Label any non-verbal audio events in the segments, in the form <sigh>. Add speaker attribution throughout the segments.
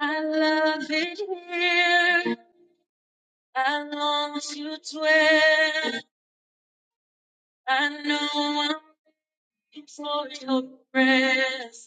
Speaker 1: I love it here. I long to dwell. I know I'm waiting for your presence.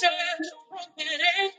Speaker 1: Just a minute.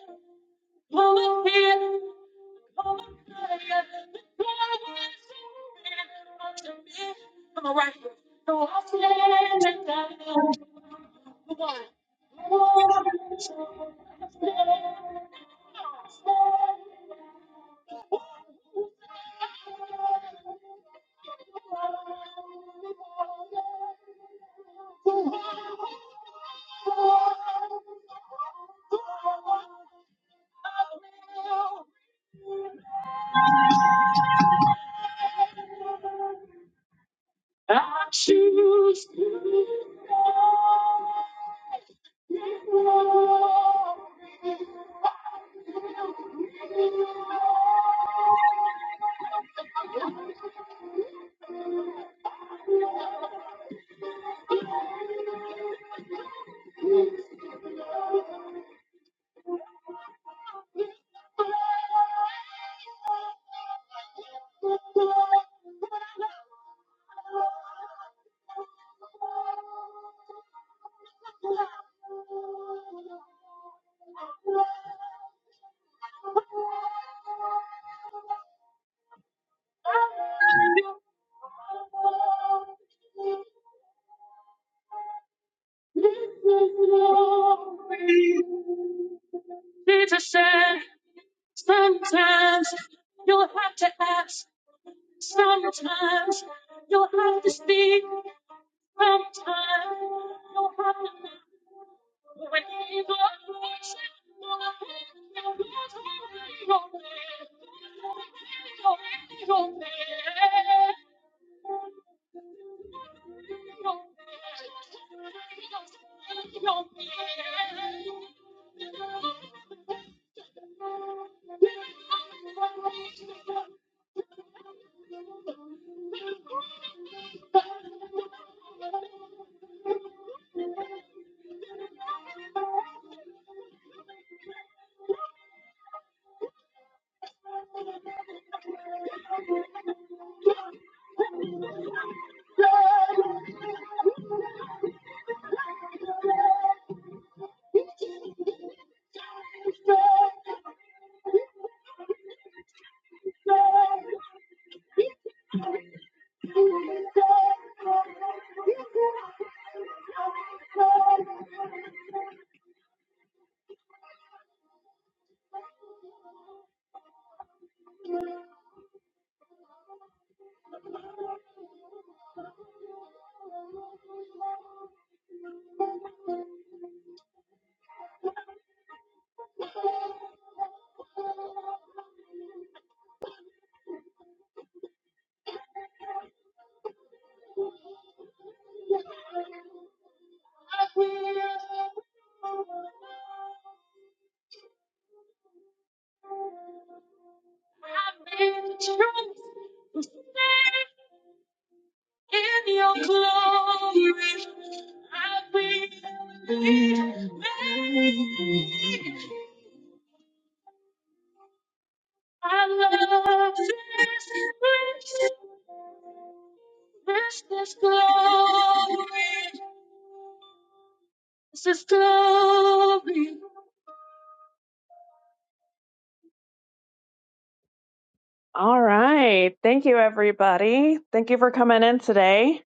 Speaker 1: All right. Thank you, everybody. Thank you for coming in today.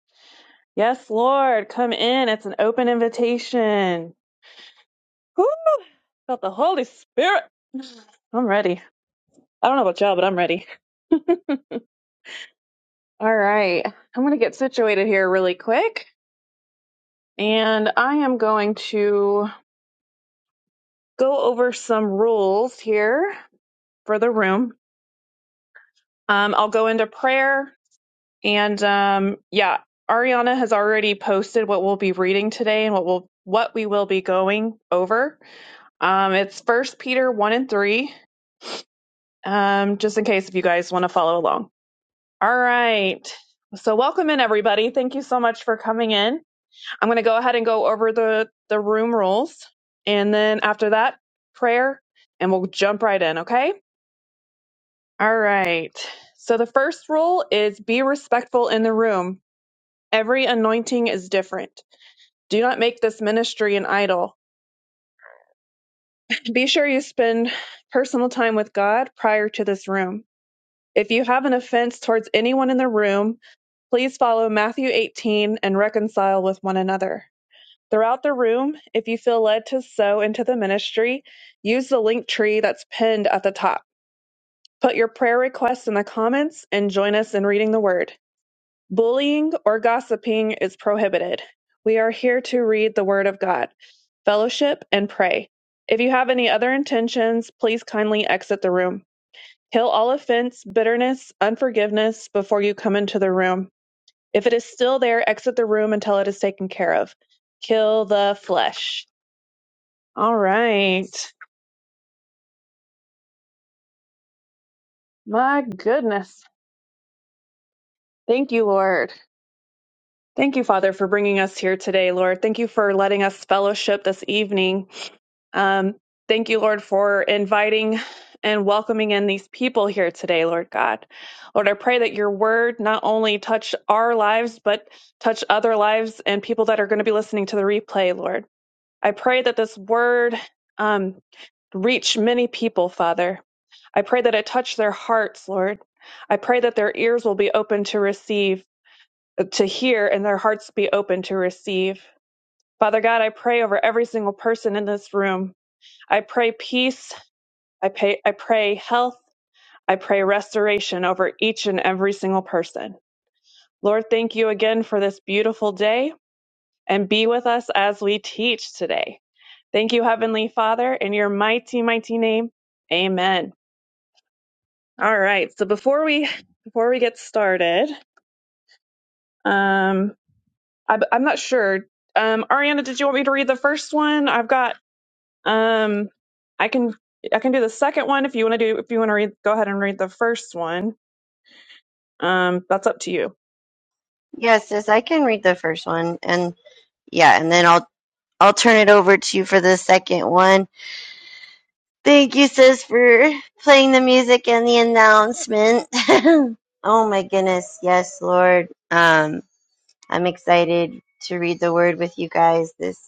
Speaker 1: Yes, Lord, come in. It's an open invitation. Woo! Felt the Holy Spirit. I'm ready. I don't know about y'all, but I'm ready. <laughs> All right. I'm going to get situated here really quick. And I am going to go over some rules here for the room. Um, I'll go into prayer. And um, yeah, Ariana has already posted what we'll be reading today and what we'll what we will be going over. Um, it's First Peter one and three. Um, just in case if you guys want to follow along. All right. So welcome in everybody. Thank you so much for coming in. I'm going to go ahead and go over the, the room rules. And then after that, prayer, and we'll jump right in, okay? All right. So the first rule is be respectful in the room. Every anointing is different. Do not make this ministry an idol. Be sure you spend personal time with God prior to this room. If you have an offense towards anyone in the room, please follow Matthew 18 and reconcile with one another. Throughout the room, if you feel led to sow into the ministry, use the link tree that's pinned at the top. Put your prayer requests in the comments and join us in reading the word. Bullying or gossiping is prohibited. We are here to read the word of God, fellowship, and pray. If you have any other intentions, please kindly exit the room. Kill all offense, bitterness, unforgiveness before you come into the room. If it is still there, exit the room until it is taken care of. Kill the flesh. All right. My goodness. Thank you, Lord. Thank you, Father, for bringing us here today, Lord. Thank you for letting us fellowship this evening. Um, thank you, Lord, for inviting and welcoming in these people here today, Lord God. Lord, I pray that your word not only touch our lives, but touch other lives and people that are going to be listening to the replay, Lord. I pray that this word. um, Reach many people, Father. I pray that it touch their hearts, Lord. I pray that their ears will be open to receive, to hear, and their hearts be open to receive. Father God, I pray over every single person in this room. I pray peace. I pray, I pray health. I pray restoration over each and every single person. Lord, thank you again for this beautiful day and be with us as we teach today. Thank you, Heavenly Father, in your mighty, mighty name. Amen. All right. So before we before we get started, um, I, I'm not sure. Um, Ariana, did you want me to read the first one? I've got. Um, I can I can do the second one if you want to do if you want to read. Go ahead and read the first one. Um, that's up to you.
Speaker 2: Yes, sis, I can read the first one, and yeah, and then I'll I'll turn it over to you for the second one. Thank you, sis, for playing the music and the announcement. <laughs> oh my goodness, yes, Lord. Um, I'm excited to read the word with you guys this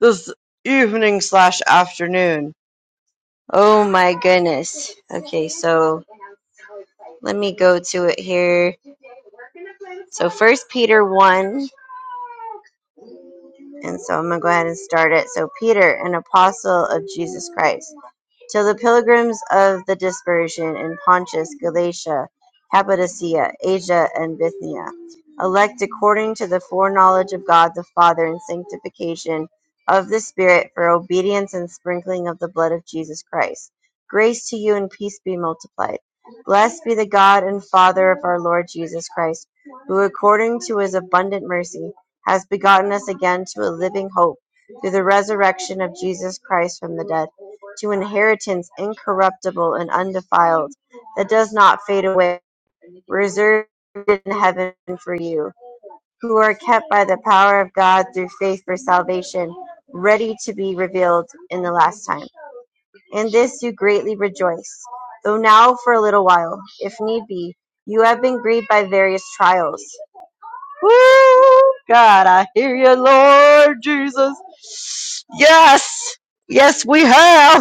Speaker 2: this evening slash afternoon. Oh my goodness. Okay, so let me go to it here. So First Peter one. And so I'm going to go ahead and start it. So, Peter, an apostle of Jesus Christ till the pilgrims of the dispersion in Pontus, Galatia, Cappadocia, Asia, and Bithynia, elect according to the foreknowledge of God the Father and sanctification of the Spirit for obedience and sprinkling of the blood of Jesus Christ. Grace to you and peace be multiplied. Blessed be the God and Father of our Lord Jesus Christ, who according to his abundant mercy has begotten us again to a living hope through the resurrection of Jesus Christ from the dead to inheritance incorruptible and undefiled, that does not fade away, reserved in heaven for you, who are kept by the power of God through faith for salvation, ready to be revealed in the last time. In this you greatly rejoice, though now for a little while, if need be, you have been grieved by various trials. Woo! God, I hear you, Lord Jesus. Yes! Yes, we have!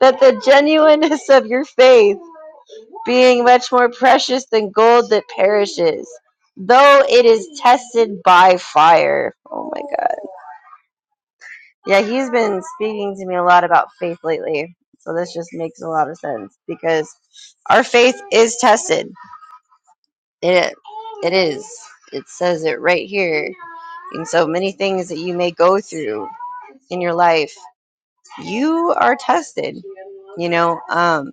Speaker 2: that the genuineness of your faith, being much more precious than gold that perishes, though it is tested by fire. Oh my God. Yeah, he's been speaking to me a lot about faith lately. So this just makes a lot of sense because our faith is tested. It, it is. It says it right here. And so many things that you may go through in your life, you are tested. You know, um,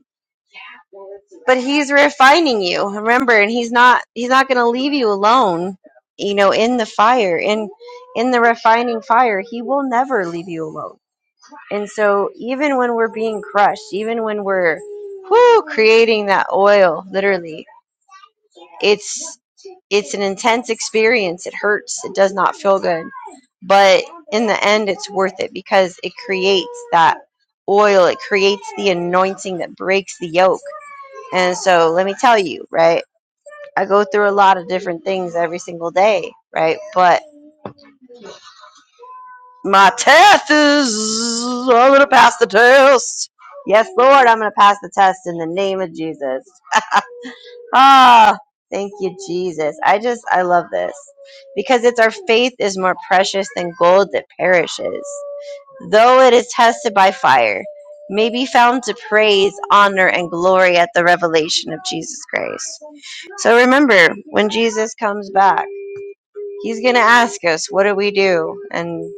Speaker 2: but he's refining you remember and he's not he's not going to leave you alone you know in the fire in in the refining fire he will never leave you alone and so even when we're being crushed even when we're whoo creating that oil literally it's it's an intense experience it hurts it does not feel good but in the end it's worth it because it creates that oil it creates the anointing that breaks the yoke and so let me tell you, right? I go through a lot of different things every single day, right? But my test is I'm gonna pass the test. Yes, Lord, I'm gonna pass the test in the name of Jesus. Ah, thank you, Jesus. I just I love this. Because it's our faith is more precious than gold that perishes. Though it is tested by fire, may be found to praise, honor, and glory at the revelation of Jesus Christ. So remember, when Jesus comes back. He's going to ask us, what do we do? And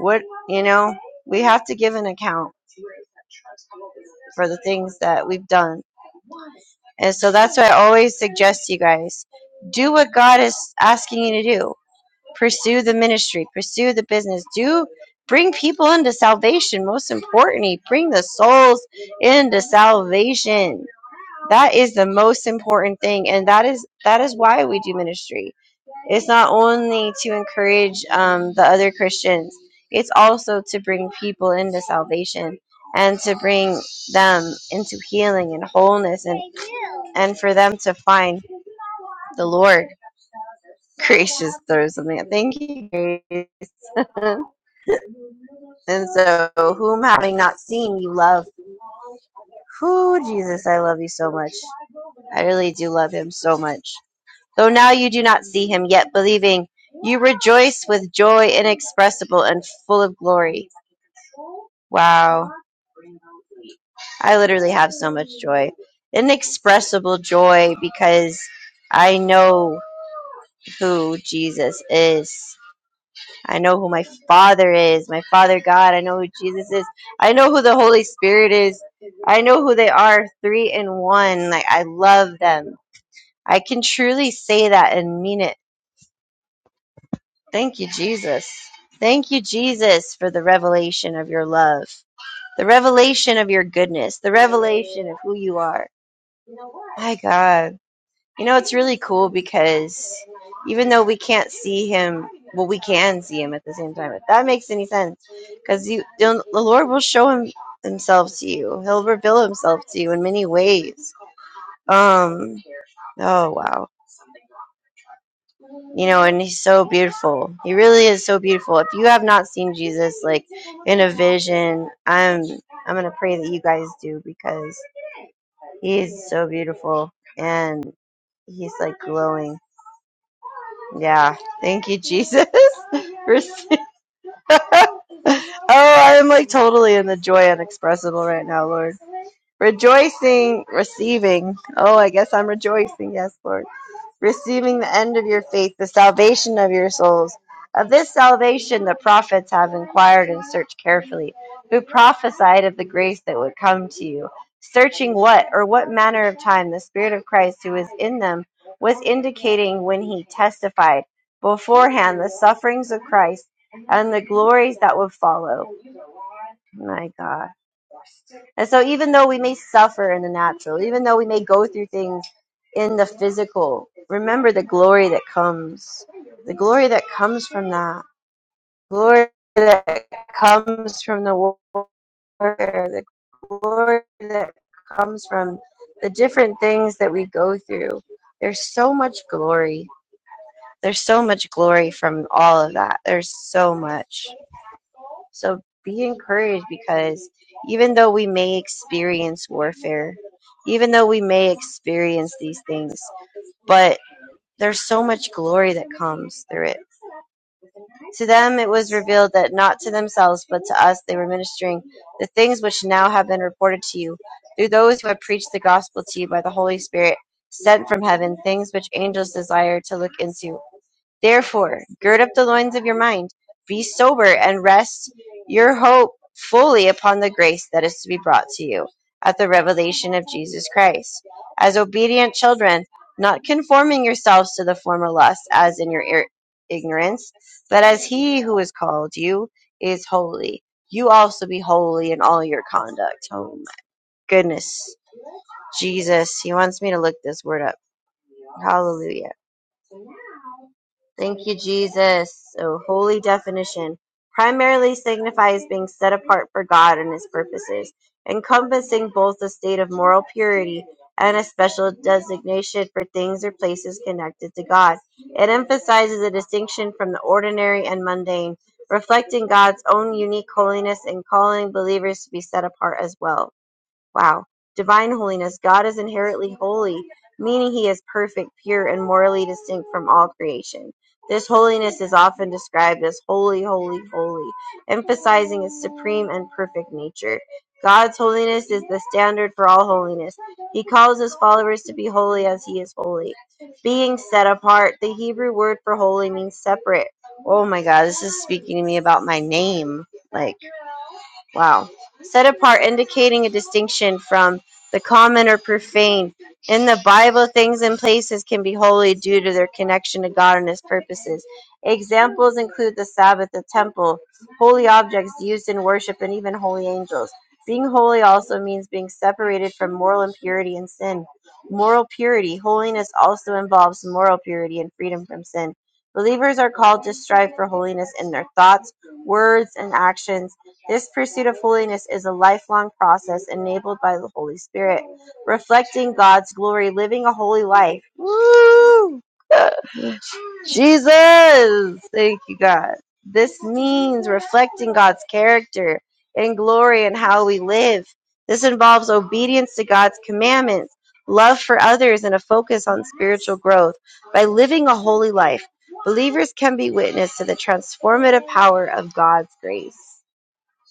Speaker 2: what, you know, we have to give an account for the things that we've done. And so that's why I always suggest to you guys do what God is asking you to do. Pursue the ministry, pursue the business, do bring people into salvation. Most importantly, bring the souls into salvation. That is the most important thing. And that is that is why we do ministry It's not only to encourage um, the other Christians, it's also to bring people into salvation and to bring them into healing and wholeness and, and for them to find the Lord. Gracious, there's something. out. Thank you, Grace. <laughs> and so, whom having not seen, you love. Who, Jesus, I love you so much. I really do love him so much. Though now you do not see him, yet believing, you rejoice with joy inexpressible and full of glory. Wow. I literally have so much joy. Inexpressible joy because I know who Jesus is. I know who my Father is, my Father God. I know who Jesus is. I know who the Holy Spirit is. I know who they are, three in one. Like, I love them. I can truly say that and mean it Thank you, Jesus. Thank you, Jesus, for the revelation of your love, the revelation of your goodness, the revelation of who you are. My God. You know, it's really cool because even though we can't see him, well, we can see him at the same time, if that makes any sense. Because you, the Lord will show him himself to you. He'll reveal himself to you in many ways. Um, oh wow. you know and he's so beautiful he really is so beautiful if you have not seen jesus like in a vision i'm i'm gonna pray that you guys do because he is so beautiful and he's like glowing yeah thank you jesus <laughs> for se- <laughs> oh i'm like totally in the joy unexpressible right now lord rejoicing receiving oh i guess i'm rejoicing yes lord receiving the end of your faith, the salvation of your souls. Of this salvation the prophets have inquired and searched carefully, who prophesied of the grace that would come to you, searching what or what manner of time the Spirit of Christ who is in them was indicating when he testified beforehand the sufferings of Christ and the glories that would follow. My God. And so, even though we may suffer in the natural, even though we may go through things in the physical, remember the glory that comes. The glory that comes from that. Glory that comes from the war. The glory that comes from the different things that we go through. There's so much glory. There's so much glory from all of that. There's so much. So be encouraged because even though we may experience warfare, even though we may experience these things, but there's so much glory that comes through it. To them it was revealed that not to themselves, but to us they were ministering the things which now have been reported to you through those who have preached the gospel to you by the Holy Spirit sent from heaven, things which angels desire to look into. Therefore gird up the loins of your mind, be sober, and rest your hope fully upon the grace that is to be brought to you at the revelation of Jesus Christ. As obedient children, not conforming yourselves to the former lusts as in your ir- ignorance, but as he who has called you is holy, you also be holy in all your conduct. Oh my goodness. Jesus, he wants me to look this word up. Hallelujah. Thank you, Jesus. So, holy definition primarily signifies being set apart for God and His purposes, encompassing both a state of moral purity and a special designation for things or places connected to God. It emphasizes a distinction from the ordinary and mundane, reflecting God's own unique holiness and calling believers to be set apart as well. Wow. Divine holiness. God is inherently holy, meaning he is perfect, pure, and morally distinct from all creation. This holiness is often described as holy, holy, holy, emphasizing its supreme and perfect nature. God's holiness is the standard for all holiness. He calls his followers to be holy as he is holy. Being set apart, the Hebrew word for holy means separate. Oh my God, this is speaking to me about my name. Like, Wow. Set apart, indicating a distinction from the common or profane. In the Bible, things and places can be holy due to their connection to God and His purposes. Examples include the Sabbath, the temple, holy objects used in worship, and even holy angels. Being holy also means being separated from moral impurity and sin. Moral purity. Holiness also involves moral purity and freedom from sin. Believers are called to strive for holiness in their thoughts, words, and actions this pursuit of holiness is a lifelong process enabled by the Holy Spirit, reflecting God's glory, living a holy life. Woo! <laughs> Jesus! Thank you, God. This means reflecting God's character and glory in how we live. This involves obedience to God's commandments, love for others, and a focus on spiritual growth. By living a holy life, believers can be witness to the transformative power of God's grace.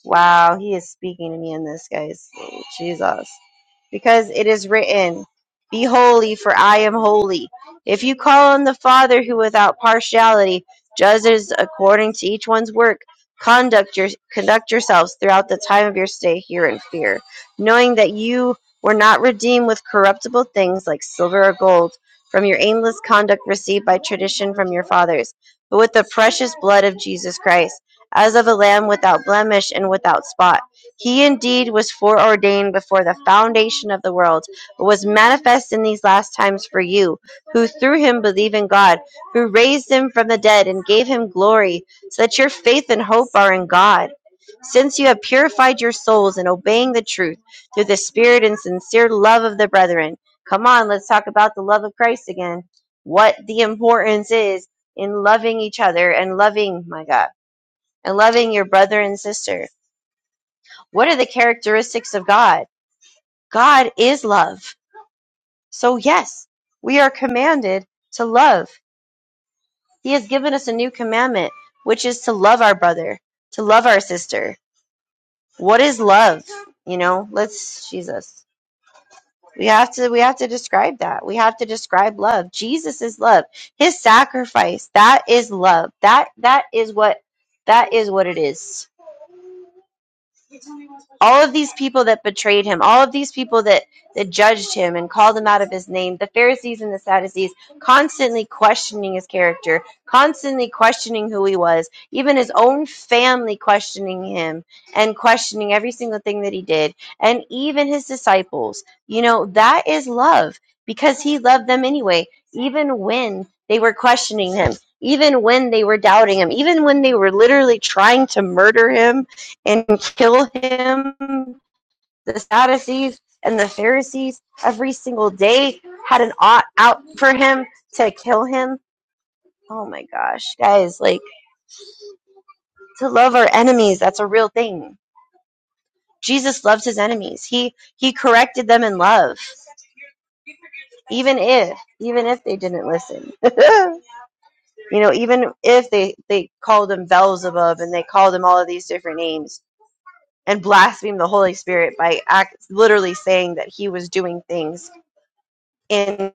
Speaker 2: Wow, he is speaking to me in this, guys. Jesus. Because it is written, Be holy, for I am holy. If you call on the Father who without partiality judges according to each one's work, conduct, your, conduct yourselves throughout the time of your stay here in fear, knowing that you were not redeemed with corruptible things like silver or gold from your aimless conduct received by tradition from your fathers, but with the precious blood of Jesus Christ as of a lamb without blemish and without spot. He indeed was foreordained before the foundation of the world, but was manifest in these last times for you, who through him believe in God, who raised him from the dead and gave him glory, so that your faith and hope are in God. Since you have purified your souls in obeying the truth through the spirit and sincere love of the brethren. Come on, let's talk about the love of Christ again. What the importance is in loving each other and loving, my God and loving your brother and sister. What are the characteristics of God? God is love. So, yes, we are commanded to love. He has given us a new commandment, which is to love our brother, to love our sister. What is love? You know, let's, Jesus. We have to we have to describe that. We have to describe love. Jesus is love. His sacrifice, that is love. That that is what that is what it is. all of these people that betrayed him, all of these people that, that judged him and called him out of his name, the Pharisees and the Sadducees, constantly questioning his character, constantly questioning who he was, even his own family questioning him and questioning every single thing that he did, and even his disciples. You know, that is love because he loved them anyway, even when they were questioning him. Even when they were doubting him, even when they were literally trying to murder him, and kill him. The Sadducees and the Pharisees every single day had an ought out for him to kill him. Oh my gosh, guys, like to love our enemies, that's a real thing. Jesus loved his enemies. He he corrected them in love, even if even if they didn't listen. <laughs> you know, even if they they called him Beelzebub and they called him all of these different names and blasphemed the Holy Spirit by act, literally saying that he was doing things in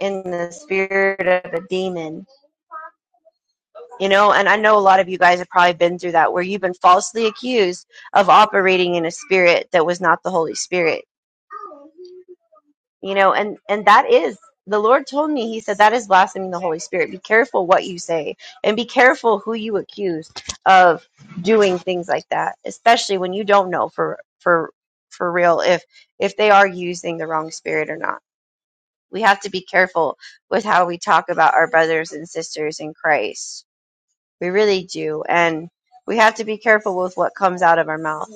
Speaker 2: in the spirit of a demon you know and i know a lot of you guys have probably been through that where you've been falsely accused of operating in a spirit that was not the holy spirit you know and and that is the lord told me he said that is blaspheming the holy spirit be careful what you say and be careful who you accuse of doing things like that especially when you don't know for for for real if if they are using the wrong spirit or not We have to be careful with how we talk about our brothers and sisters in Christ. We really do. And we have to be careful with what comes out of our mouth.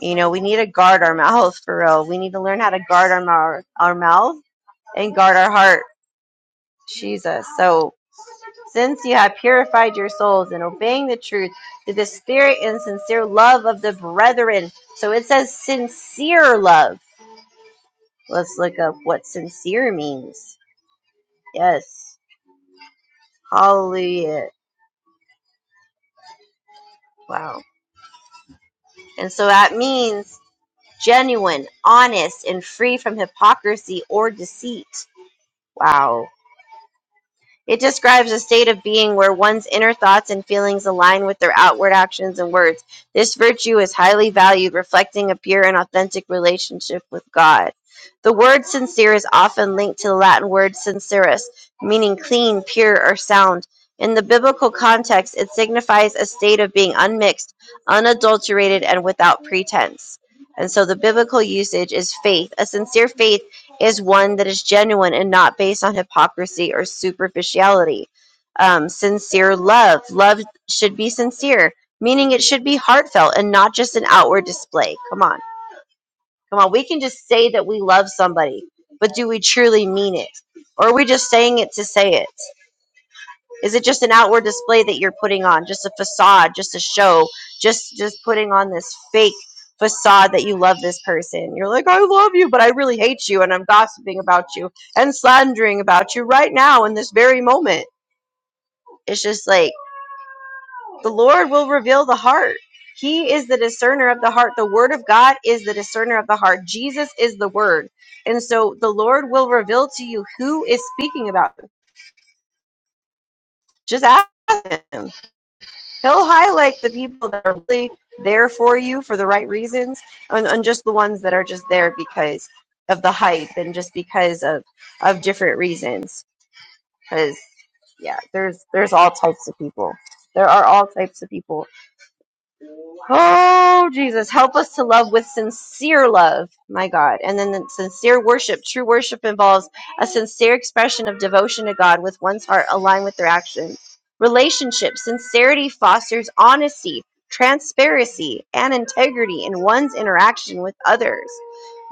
Speaker 2: You know, we need to guard our mouth for real. We need to learn how to guard our mouth, our mouth and guard our heart. Jesus. So, since you have purified your souls in obeying the truth through the spirit and sincere love of the brethren. So it says sincere love. Let's look up what sincere means. Yes. Hallelujah. Wow. And so that means genuine, honest, and free from hypocrisy or deceit. Wow. It describes a state of being where one's inner thoughts and feelings align with their outward actions and words. This virtue is highly valued, reflecting a pure and authentic relationship with God. The word sincere is often linked to the Latin word sincerus, meaning clean, pure, or sound. In the biblical context, it signifies a state of being unmixed, unadulterated, and without pretense. And so the biblical usage is faith. A sincere faith is one that is genuine and not based on hypocrisy or superficiality. Um, sincere love. Love should be sincere, meaning it should be heartfelt and not just an outward display. Come on. Come on. We can just say that we love somebody, but do we truly mean it? Or are we just saying it to say it? Is it just an outward display that you're putting on, just a facade, just a show, just just putting on this fake facade that you love this person? You're like, I love you, but I really hate you, and I'm gossiping about you and slandering about you right now in this very moment. It's just like the Lord will reveal the heart. He is the discerner of the heart. The Word of God is the discerner of the heart. Jesus is the Word. And so the Lord will reveal to you who is speaking about you. Just ask Him he'll highlight the people that are really there for you for the right reasons and, and just the ones that are just there because of the hype and just because of of different reasons because yeah there's there's all types of people there are all types of people Oh, Jesus, help us to love with sincere love, my God. And then the sincere worship. True worship involves a sincere expression of devotion to God with one's heart aligned with their actions. Relationship. Sincerity fosters honesty, transparency, and integrity in one's interaction with others.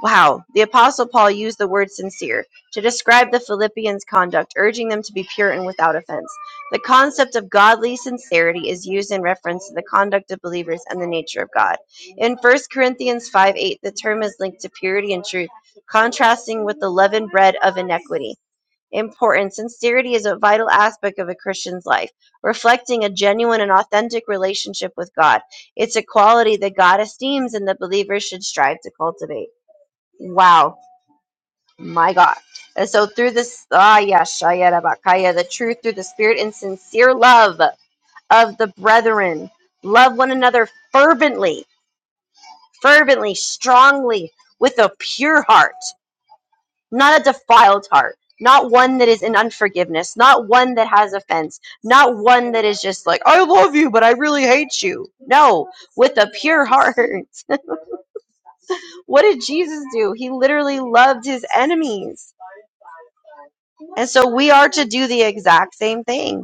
Speaker 2: Wow, the Apostle Paul used the word sincere to describe the Philippians' conduct, urging them to be pure and without offense. The concept of godly sincerity is used in reference to the conduct of believers and the nature of God. In First Corinthians five eight, the term is linked to purity and truth, contrasting with the leavened bread of iniquity. Important. Sincerity is a vital aspect of a Christian's life, reflecting a genuine and authentic relationship with God. It's a quality that God esteems and that believers should strive to cultivate. Wow. My God. And so through this, ah, yeah, shaya, rabakaya, the truth through the spirit and sincere love of the brethren. Love one another fervently, fervently, strongly, with a pure heart, not a defiled heart, not one that is in unforgiveness, not one that has offense, not one that is just like, I love you, but I really hate you. No, with a pure heart. <laughs> what did Jesus do? He literally loved his enemies. And so we are to do the exact same thing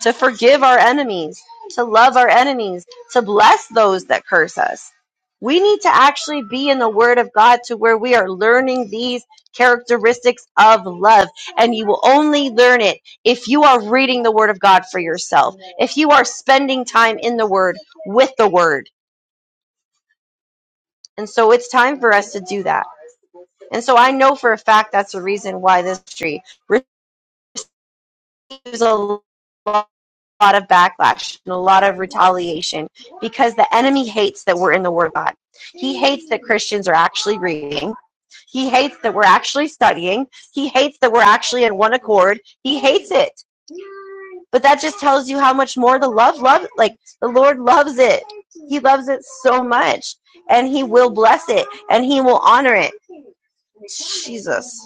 Speaker 2: to forgive our enemies, to love our enemies, to bless those that curse us. We need to actually be in the Word of God to where we are learning these characteristics of love. And you will only learn it if you are reading the Word of God for yourself, if you are spending time in the Word with the Word. And so it's time for us to do that. And so I know for a fact that's the reason why this tree receives a lot lot of backlash and a lot of retaliation because the enemy hates that we're in the Word of God. He hates that Christians are actually reading. He hates that we're actually studying. He hates that we're actually in one accord. He hates it. But that just tells you how much more the love, love, like the Lord loves it. He loves it so much and He will bless it and He will honor it. Jesus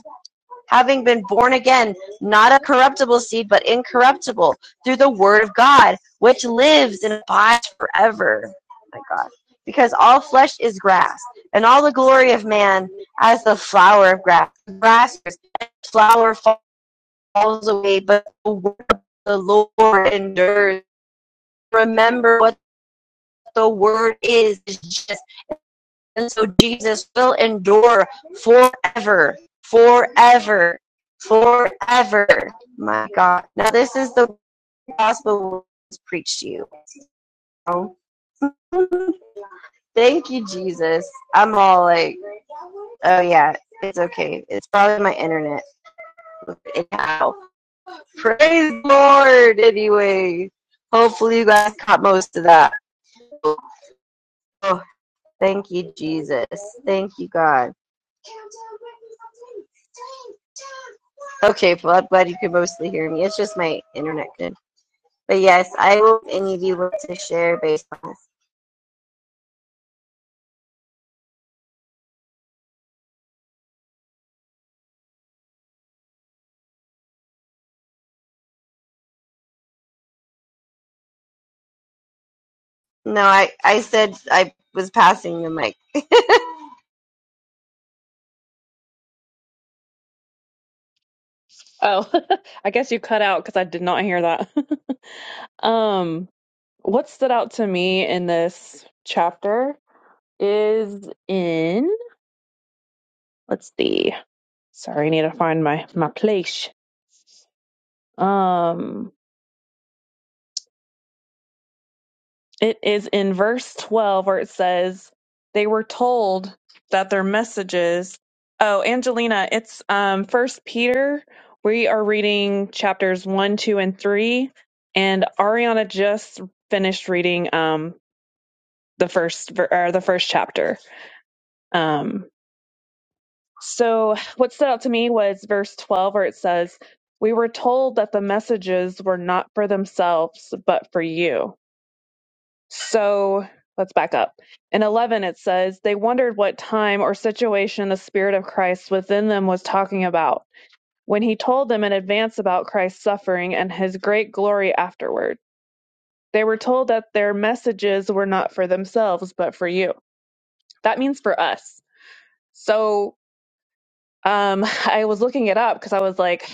Speaker 2: having been born again, not of corruptible seed, but incorruptible, through the word of God, which lives and abides forever. My God. Because all flesh is grass, and all the glory of man as the flower of grass. Grass is flower falls away, but the word of the Lord endures. Remember what the word is, is just and so Jesus will endure forever, forever, forever. My God. Now, this is the gospel was preached to you. Oh, <laughs> Thank you, Jesus. I'm all like, oh, yeah, it's okay. It's probably my internet. Anyhow, praise the Lord. Anyway, hopefully, you guys caught most of that. Oh, thank you, Jesus. Thank you, God. Okay, well, I'm glad you could mostly hear me. It's just my internet good. But yes, I will any of you want to share based on this. No, I, I said I was passing the mic.
Speaker 1: Oh, <laughs> I guess you cut out because I did not hear that. <laughs> um, what stood out to me in this chapter is in let's see. Sorry, I need to find my my place. Um, It is in verse 12 where it says they were told that their messages. Oh, Angelina, it's um First Peter. We are reading chapters 1, 2 and 3 and Ariana just finished reading um the first ver- or the first chapter. Um so what stood out to me was verse 12 where it says we were told that the messages were not for themselves but for you So let's back up. In 11, it says, They wondered what time or situation the Spirit of Christ within them was talking about when he told them in advance about Christ's suffering and his great glory afterward. They were told that their messages were not for themselves, but for you. That means for us. So um, <laughs> I was looking it up because I was like,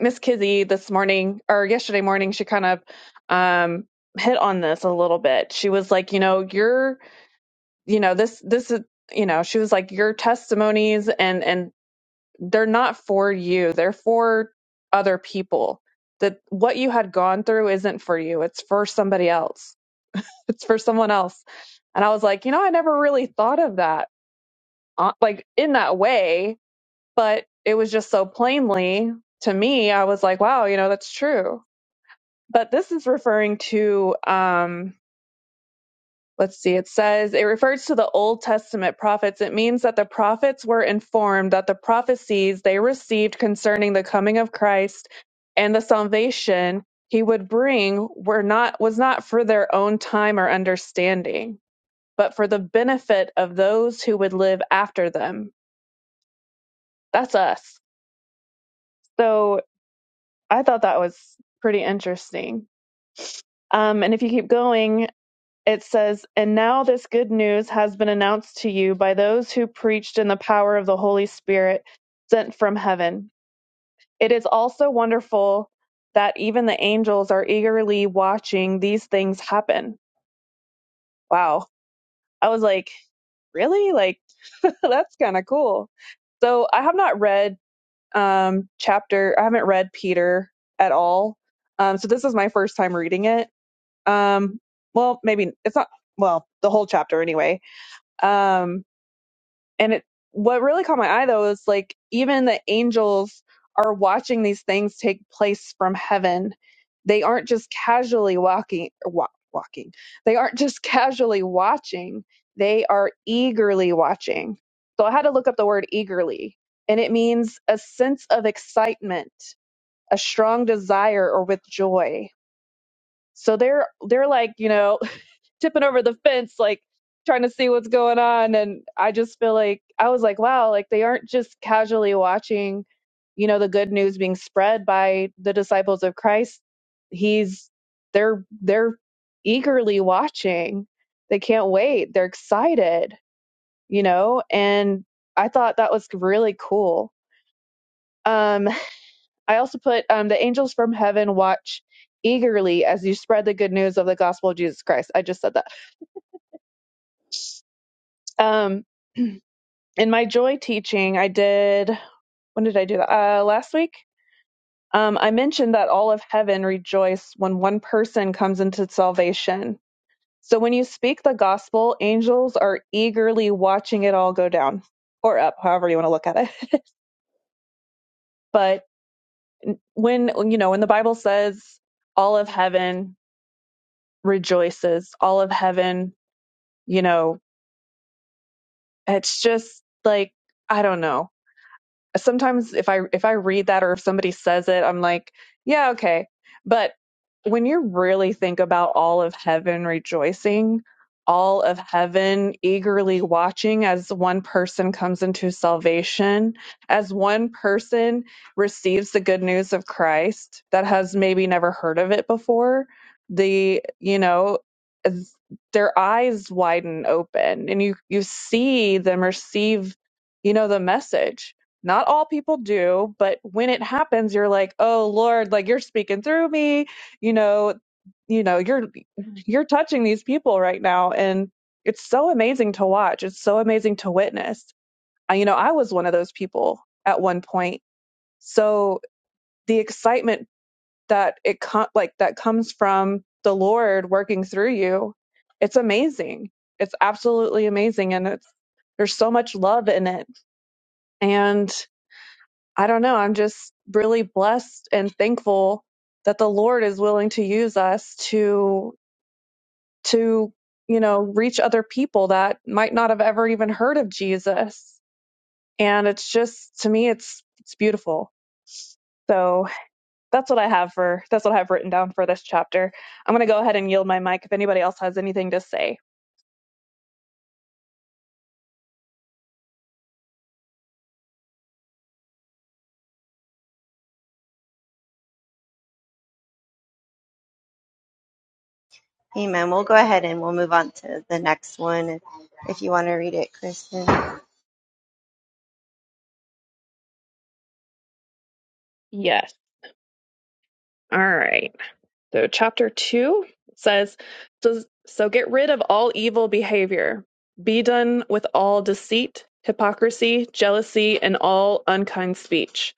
Speaker 1: Miss Kizzy this morning or yesterday morning, she kind of um, hit on this a little bit. She was like, You know, you're you know this this is you know she was like your testimonies and and they're not for you they're for other people that what you had gone through isn't for you it's for somebody else <laughs> it's for someone else and i was like you know i never really thought of that uh, like in that way but it was just so plainly to me i was like wow you know that's true but this is referring to um let's see, it says it refers to the Old Testament prophets. It means that the prophets were informed that the prophecies they received concerning the coming of Christ and the salvation he would bring were not was not for their own time or understanding, but for the benefit of those who would live after them. That's us. So I thought that was pretty interesting. Um, and if you keep going, it says, And now this good news has been announced to you by those who preached in the power of the Holy Spirit sent from heaven. It is also wonderful that even the angels are eagerly watching these things happen. Wow. I was like, Really? Like, <laughs> that's kind of cool. So I have not read um, chapter, I haven't read Peter at all. Um, so this is my first time reading it. Um, well, maybe it's not, well, the whole chapter anyway Um, and it, what really caught my eye though is like even the angels are watching these things take place from heaven. They aren't just casually walking, wa- walking. They aren't just <laughs> casually watching. They are eagerly watching. So I had to look up the word eagerly, and it means a sense of excitement, a strong desire, or with joy. So they're they're like you know tipping over the fence, like trying to see what's going on. And I just feel like I was like, wow, like they aren't just casually watching, you know, the good news being spread by the disciples of Christ. He's they're they're eagerly watching. They can't wait. They're excited, you know, and I thought that was really cool. Um, I also put um, the angels from heaven watch eagerly as you spread the good news of the gospel of Jesus Christ. I just said that. Um, <clears throat> in my joy teaching, I did when did I do that? Uh, last week. Um, I mentioned that all of heaven rejoice when one person comes into salvation. So when you speak the gospel, angels are eagerly watching it all go down or up, however you want to look at it. <laughs> but when you know when the Bible says all of heaven rejoices, all of heaven, you know, it's just like I don't know sometimes if I if I read that or if somebody says it, I'm like, yeah, okay. But when you really think about all of heaven rejoicing, all of heaven eagerly watching as one person comes into salvation, as one person receives the good news of Christ that has maybe never heard of it before, the, you know, as- their eyes widen open and you you see them receive, you know, the message not all people do, but when it happens, you're like, "Oh Lord, like you're speaking through me." You know, you know, you're you're touching these people right now, and it's so amazing to watch. It's so amazing to witness. I, you know, I was one of those people at one point. So the excitement that it com- like that comes from the Lord working through you, it's amazing. It's absolutely amazing, and it's there's so much love in it. And I don't know. I'm just really blessed and thankful that the Lord is willing to use us to to you know reach other people that might not have ever even heard of Jesus. And it's just to me, it's it's beautiful. So that's what I have for that's what I have written down for this chapter. I'm gonna go ahead and yield my mic if anybody else has anything to say.
Speaker 2: <laughs> Amen. We'll go ahead and we'll move on to the next one if, if you want to read it, Kristen.
Speaker 1: Yes. All right. So, chapter two says, so, so get rid of all evil behavior. Be done with all deceit, hypocrisy, jealousy, and all unkind speech.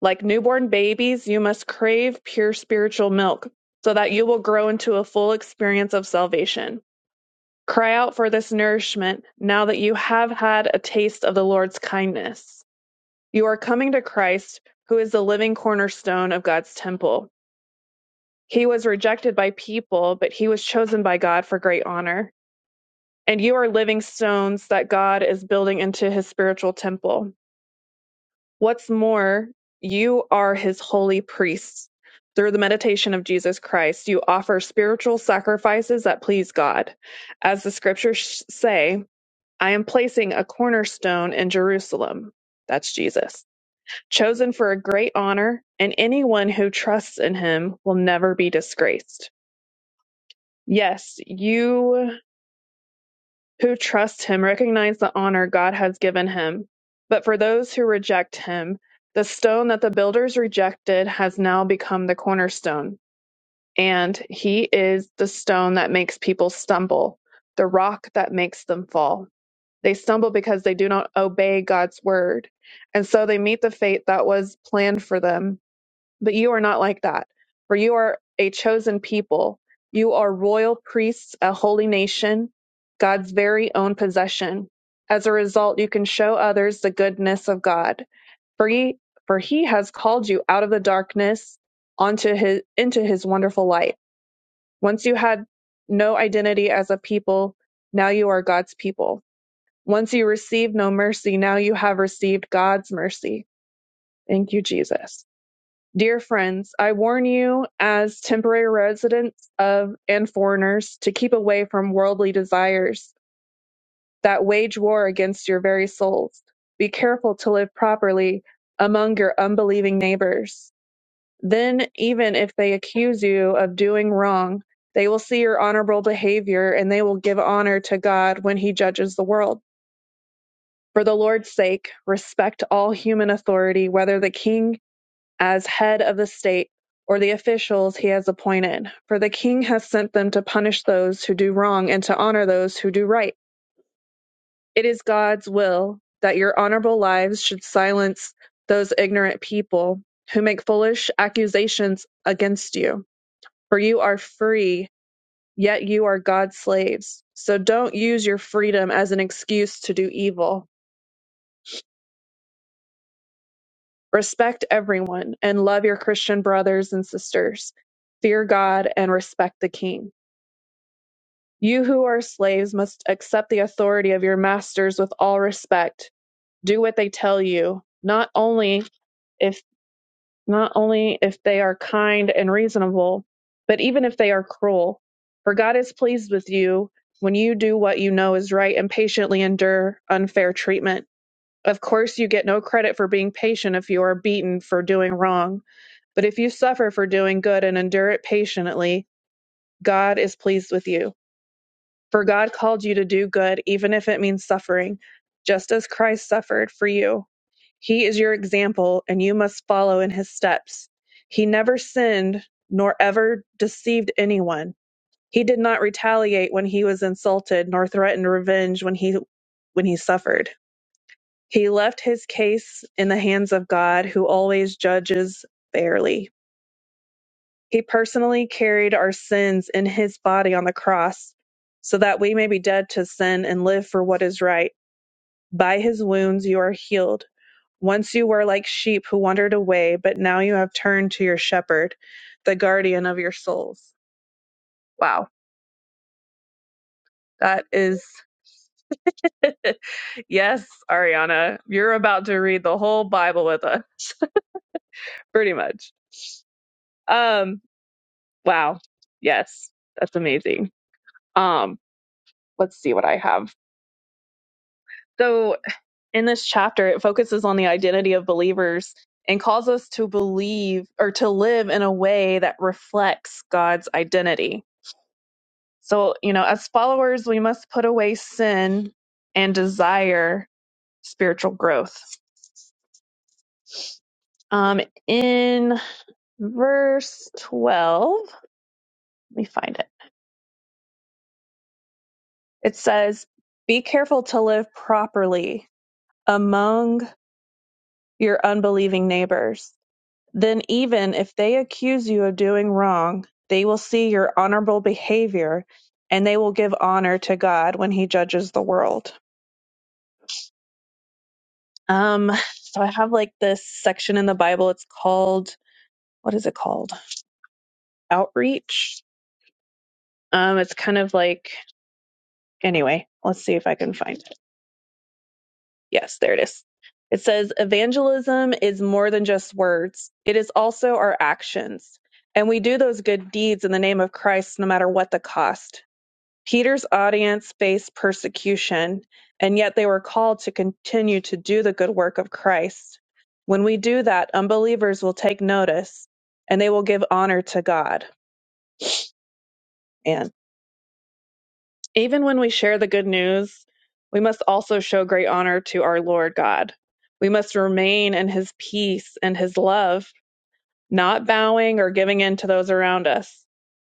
Speaker 1: Like newborn babies, you must crave pure spiritual milk so that you will grow into a full experience of salvation. Cry out for this nourishment now that you have had a taste of the Lord's kindness. You are coming to Christ, who is the living cornerstone of God's temple. He was rejected by people, but he was chosen by God for great honor. And you are living stones that God is building into his spiritual temple. What's more, you are his holy priests. Through the meditation of Jesus Christ, you offer spiritual sacrifices that please God. As the scriptures say, I am placing a cornerstone in Jerusalem. That's Jesus. Chosen for a great honor, and anyone who trusts in him will never be disgraced. Yes, you who trust him recognize the honor God has given him. But for those who reject him, the stone that the builders rejected has now become the cornerstone. And he is the stone that makes people stumble, the rock that makes them fall. They stumble because they do not obey God's word. And so they meet the fate that was planned for them but you are not like that, for you are a chosen people. You are royal priests, a holy nation, God's very own possession. As a result, you can show others the goodness of God. For he, for he has called you out of the darkness onto his, into his wonderful light. Once you had no identity as a people, now you are God's people. Once you received no mercy, now you have received God's mercy. Thank you, Jesus. Dear friends, I warn you, as temporary residents of and foreigners, to keep away from worldly desires that wage war against your very souls. Be careful to live properly among your unbelieving neighbors. Then, even if they accuse you of doing wrong, they will see your honorable behavior and they will give honor to God when He judges the world. For the Lord's sake, respect all human authority, whether the king as head of the state or the officials he has appointed. For the king has sent them to punish those who do wrong and to honor those who do right. It is God's will that your honorable lives should silence those ignorant people who make foolish accusations against you. For you are free, yet you are God's slaves. So don't use your freedom as an excuse to do evil. Respect everyone and love your Christian brothers and sisters. Fear God and respect the king. You who are slaves must accept the authority of your masters with all respect. Do what they tell you, not only if not only if they are kind and reasonable, but even if they are cruel. For God is pleased with you when you do what you know is right and patiently endure unfair treatment. Of course, you get no credit for being patient if you are beaten for doing wrong, but if you suffer for doing good and endure it patiently, God is pleased with you. For God called you to do good, even if it means suffering, just as Christ suffered for you. He is your example, and you must follow in his steps. He never sinned, nor ever deceived anyone. He did not retaliate when he was insulted, nor threatened revenge when he when he suffered. He left his case in the hands of God, who always judges fairly. He personally carried our sins in his body on the cross so that we may be dead to sin and live for what is right. By his wounds you are healed. Once you were like sheep who wandered away, but now you have turned to your shepherd, the guardian of your souls. Wow, that is. <laughs> yes, Ariana, you're about to read the whole Bible with us, pretty much. Um, wow. Yes, that's amazing. Um, let's see what I have. So. in this chapter, it focuses on the identity of believers and calls us to believe or to live in a way that reflects God's identity. So, you know, as followers, we must put away sin and desire spiritual growth. Um, in verse 12, let me find it. It says, Be careful to live properly among your unbelieving neighbors Then, even if they accuse you of doing wrong, they will see your honorable behavior and they will give honor to God when He judges the world. Um, so, I have like this section in the Bible. It's called, what is it called? Outreach. Um, it's kind of like, anyway, let's see if I can find it. Yes, there it is. It says, Evangelism is more than just words, it is also our actions. And we do those good deeds in the name of Christ no matter what the cost. Peter's audience faced persecution, and yet they were called to continue to do the good work of Christ. When we do that, unbelievers will take notice and they will give honor to God. And even when we share the good news, we must also show great honor to our Lord God. We must remain in his peace and his love, not bowing or giving in to those around us.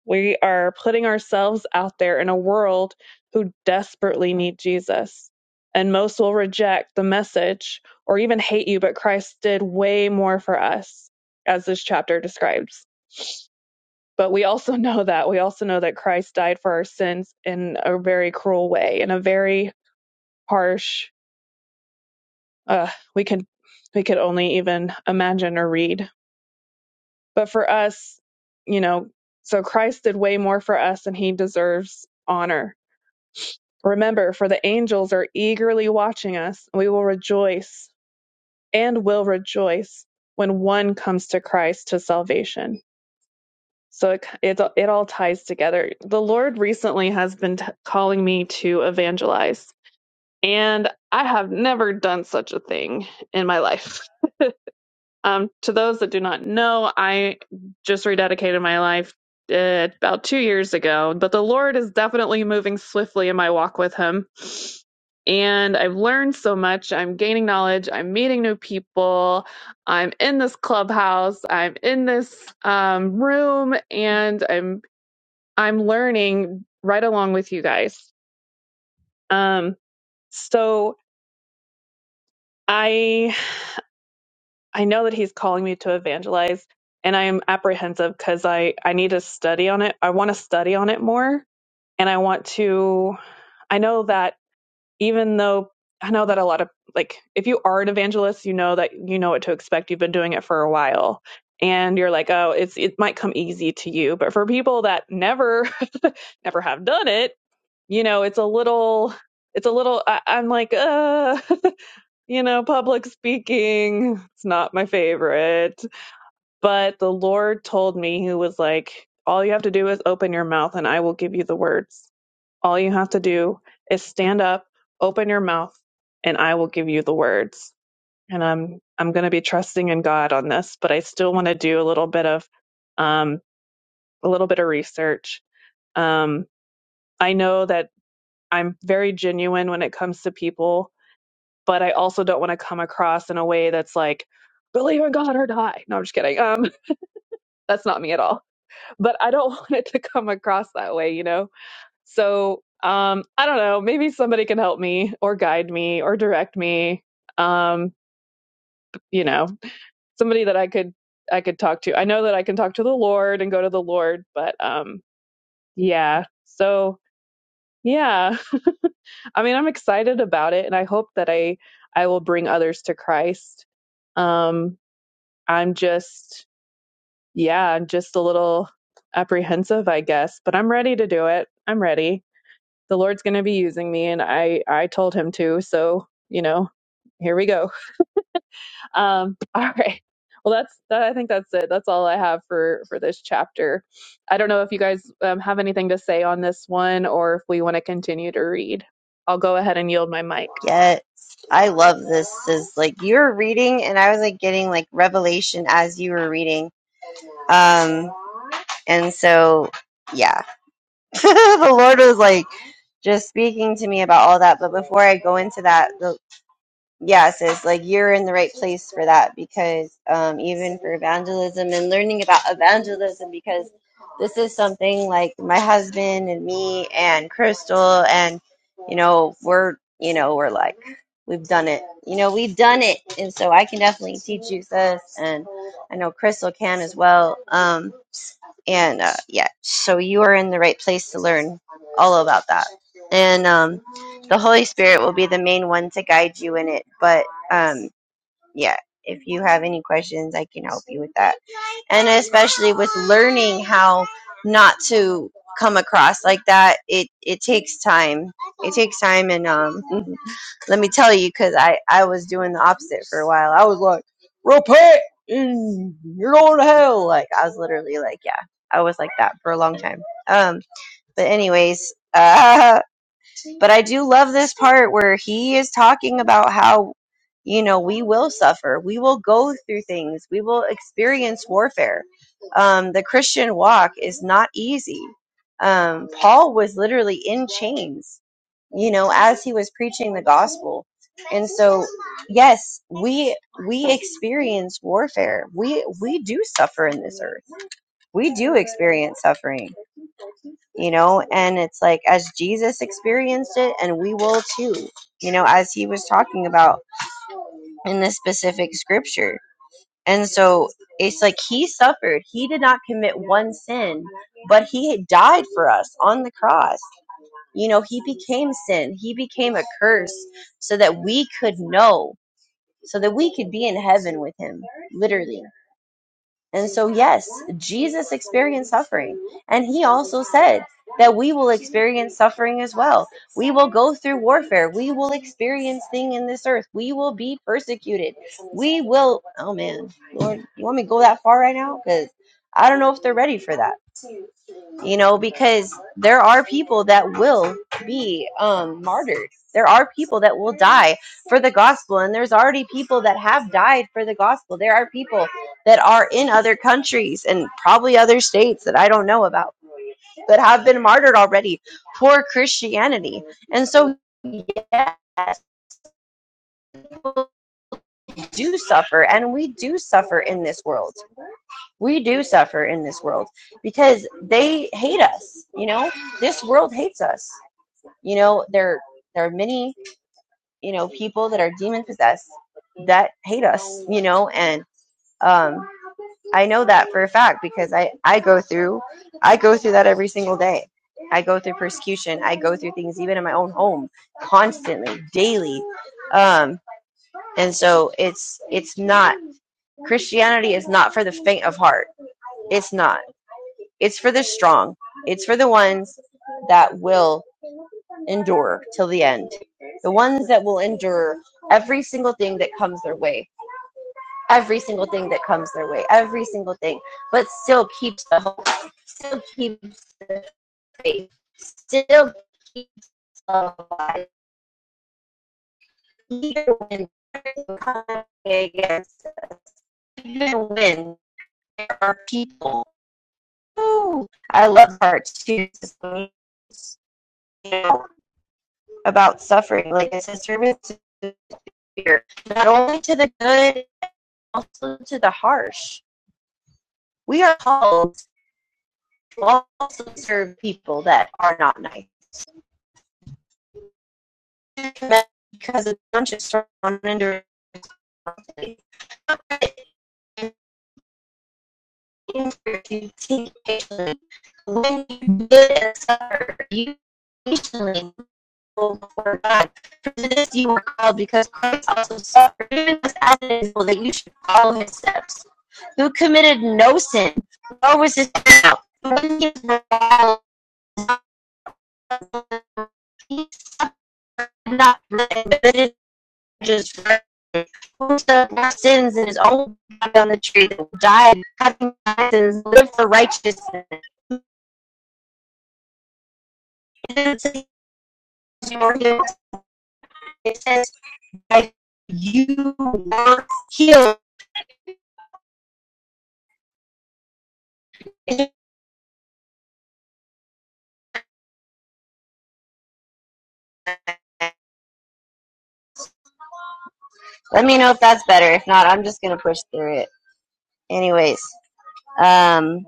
Speaker 1: We are putting ourselves out there in a world who desperately need Jesus. And most will reject the message or even hate you, but Christ did way more for us, as this chapter describes. But we also <laughs> know that. We also know that Christ died for our sins in a very cruel way, in a very harsh, uh, we could we could only even imagine or read. But for us, you know, so Christ did way more for us and he deserves honor Remember, for the angels are eagerly watching us, we will rejoice and will rejoice when one comes to Christ to salvation. So it, it, it all ties together. The Lord recently has been t- calling me to evangelize, and I have never done such a thing in my life. Um, to those that do not know, I just rededicated my life uh, about two years ago, but the Lord is definitely moving swiftly in my walk with Him and I've learned so much. I'm gaining knowledge. I'm meeting new people. I'm in this clubhouse. I'm in this um, room, and I'm I'm learning right along with you guys. Um, so I I know that he's calling me to evangelize, and I am apprehensive because I I need to study on it. I want to study on it more, and I want to. I know that even though I know that a lot of like if you are an evangelist, you know that you know what to expect. You've been doing it for a while and you're like, "Oh, it's it might come easy to you." But for people that never <laughs> never have done it, you know, it's a little it's a little I, I'm like, "Uh, <laughs> you know, public speaking, it's not my favorite." But the Lord told me he was like, "All you have to do is open your mouth and I will give you the words." All you have to do is stand up, open your mouth, and I will give you the words. And I'm I'm going to be trusting in God on this, but I still want to do a little bit of um, a little bit of research. Um, I know that I'm very genuine when it comes to people, but I also don't want to come across in a way that's like believe in God or die. No, I'm just kidding. Um, <laughs> that's not me at all. But I don't <laughs> want it to come across that way, you know So um, I don't know. Maybe somebody can help me or guide me or direct me. Um, you know, somebody that I could I could talk to. I know that I can talk to the Lord and go to the Lord, but um, yeah. So yeah, <laughs> I mean, I'm excited about it, and I hope that I I will bring others to Christ. Um, I'm just yeah, I'm just a little apprehensive, I guess, but I'm ready to do it. I'm ready. the Lord's going to be using me, and I I told him to. So you know, here we go. <laughs> Um, all right. Well, that's that. I think that's it. That's all I have for for this chapter. I don't know if you guys um, have anything to say on this one, or if we want to continue to read. I'll go ahead and yield my mic.
Speaker 2: Yes. I love this. Is like you were reading and I was like getting like revelation as you were reading. Um and so yeah. <laughs> the Lord was like just speaking to me about all that. But before I go into that, the Yes, it's like you're in the right place for that because um, even for evangelism and learning about evangelism, because this is something like my husband and me and Crystal, and you know, we're, you know, we're like, we've done it, you know, we've done it. And so I can definitely teach you this, and I know Crystal can as well. Um, and uh, yeah so you are in the right place to learn all about that and um, the holy spirit will be the main one to guide you in it but um, yeah if you have any questions i can help you with that and especially with learning how not to come across like that it it takes time it takes time and um <laughs> let me tell you because i i was doing the opposite for a while I was. mm, you're going to hell. Like I was literally like, yeah, I was like that for a long time. Um, but anyways, <laughs> uh, but I do love this part where he is talking about how, you know, we will suffer, we will go through things, we will experience warfare. Um, the Christian walk is not easy. Um, Paul was literally in chains, you know, as he was preaching the gospel. And so, yes, we we experience warfare. We we do suffer in this earth. We do experience suffering you know and it's like as jesus experienced it and we will too you know as he was talking about in this specific scripture and so it's like he suffered he did not commit one sin but he died for us on the cross you know he became sin he became a curse so that we could know so that we could be in heaven with him literally and so, yes, Jesus experienced suffering. And he also said that we will experience suffering as well. We will go through warfare. We will experience things in this earth. We will be persecuted. We will, oh man, Lord, you want me to go that far right now? Because I don't know if they're ready for that you know because there are people that will be um martyred there are people that will die for the gospel and there's already people that have died for the gospel there are people that are in other countries and probably other states that i don't know about that have been martyred already for christianity and so yes people do suffer and we do suffer in this world we do suffer in this world because they hate us you know this world hates us You know, there there are many, you know, people that are demon possessed that hate us, you know, and um I know that for a fact because I I go through I go through that every single day. I go through persecution. I go through things even in my own home constantly, daily. Um and so it's it's not Christianity is not for the faint of heart. It's not. It's for the strong. It's for the ones that will endure till the end. The ones that will endure every single thing that comes their way, every single thing that comes their way, every single thing, but still keeps the hope, still keeps the faith, still keeps alive, even when everything comes against us, even when there are people. Ooh, I love hearts too. You know, about suffering. Like it says, service is fear, not only to the good, but also to the harsh. We are called to also serve people that are not nice because it's not just on under responsibility. When you did suffer, you patiently for God. For this you were called because Christ also suffered, giving us as an example that you should follow his steps. Who committed no sin, nor was his out. When he was reviled, he suffered not remitted just who took our sins in his own body on the tree that died, having our sins lived for righteousness. It you were says you were healed. Let me know if that's better. If not, I'm just gonna push through it. Anyways, um,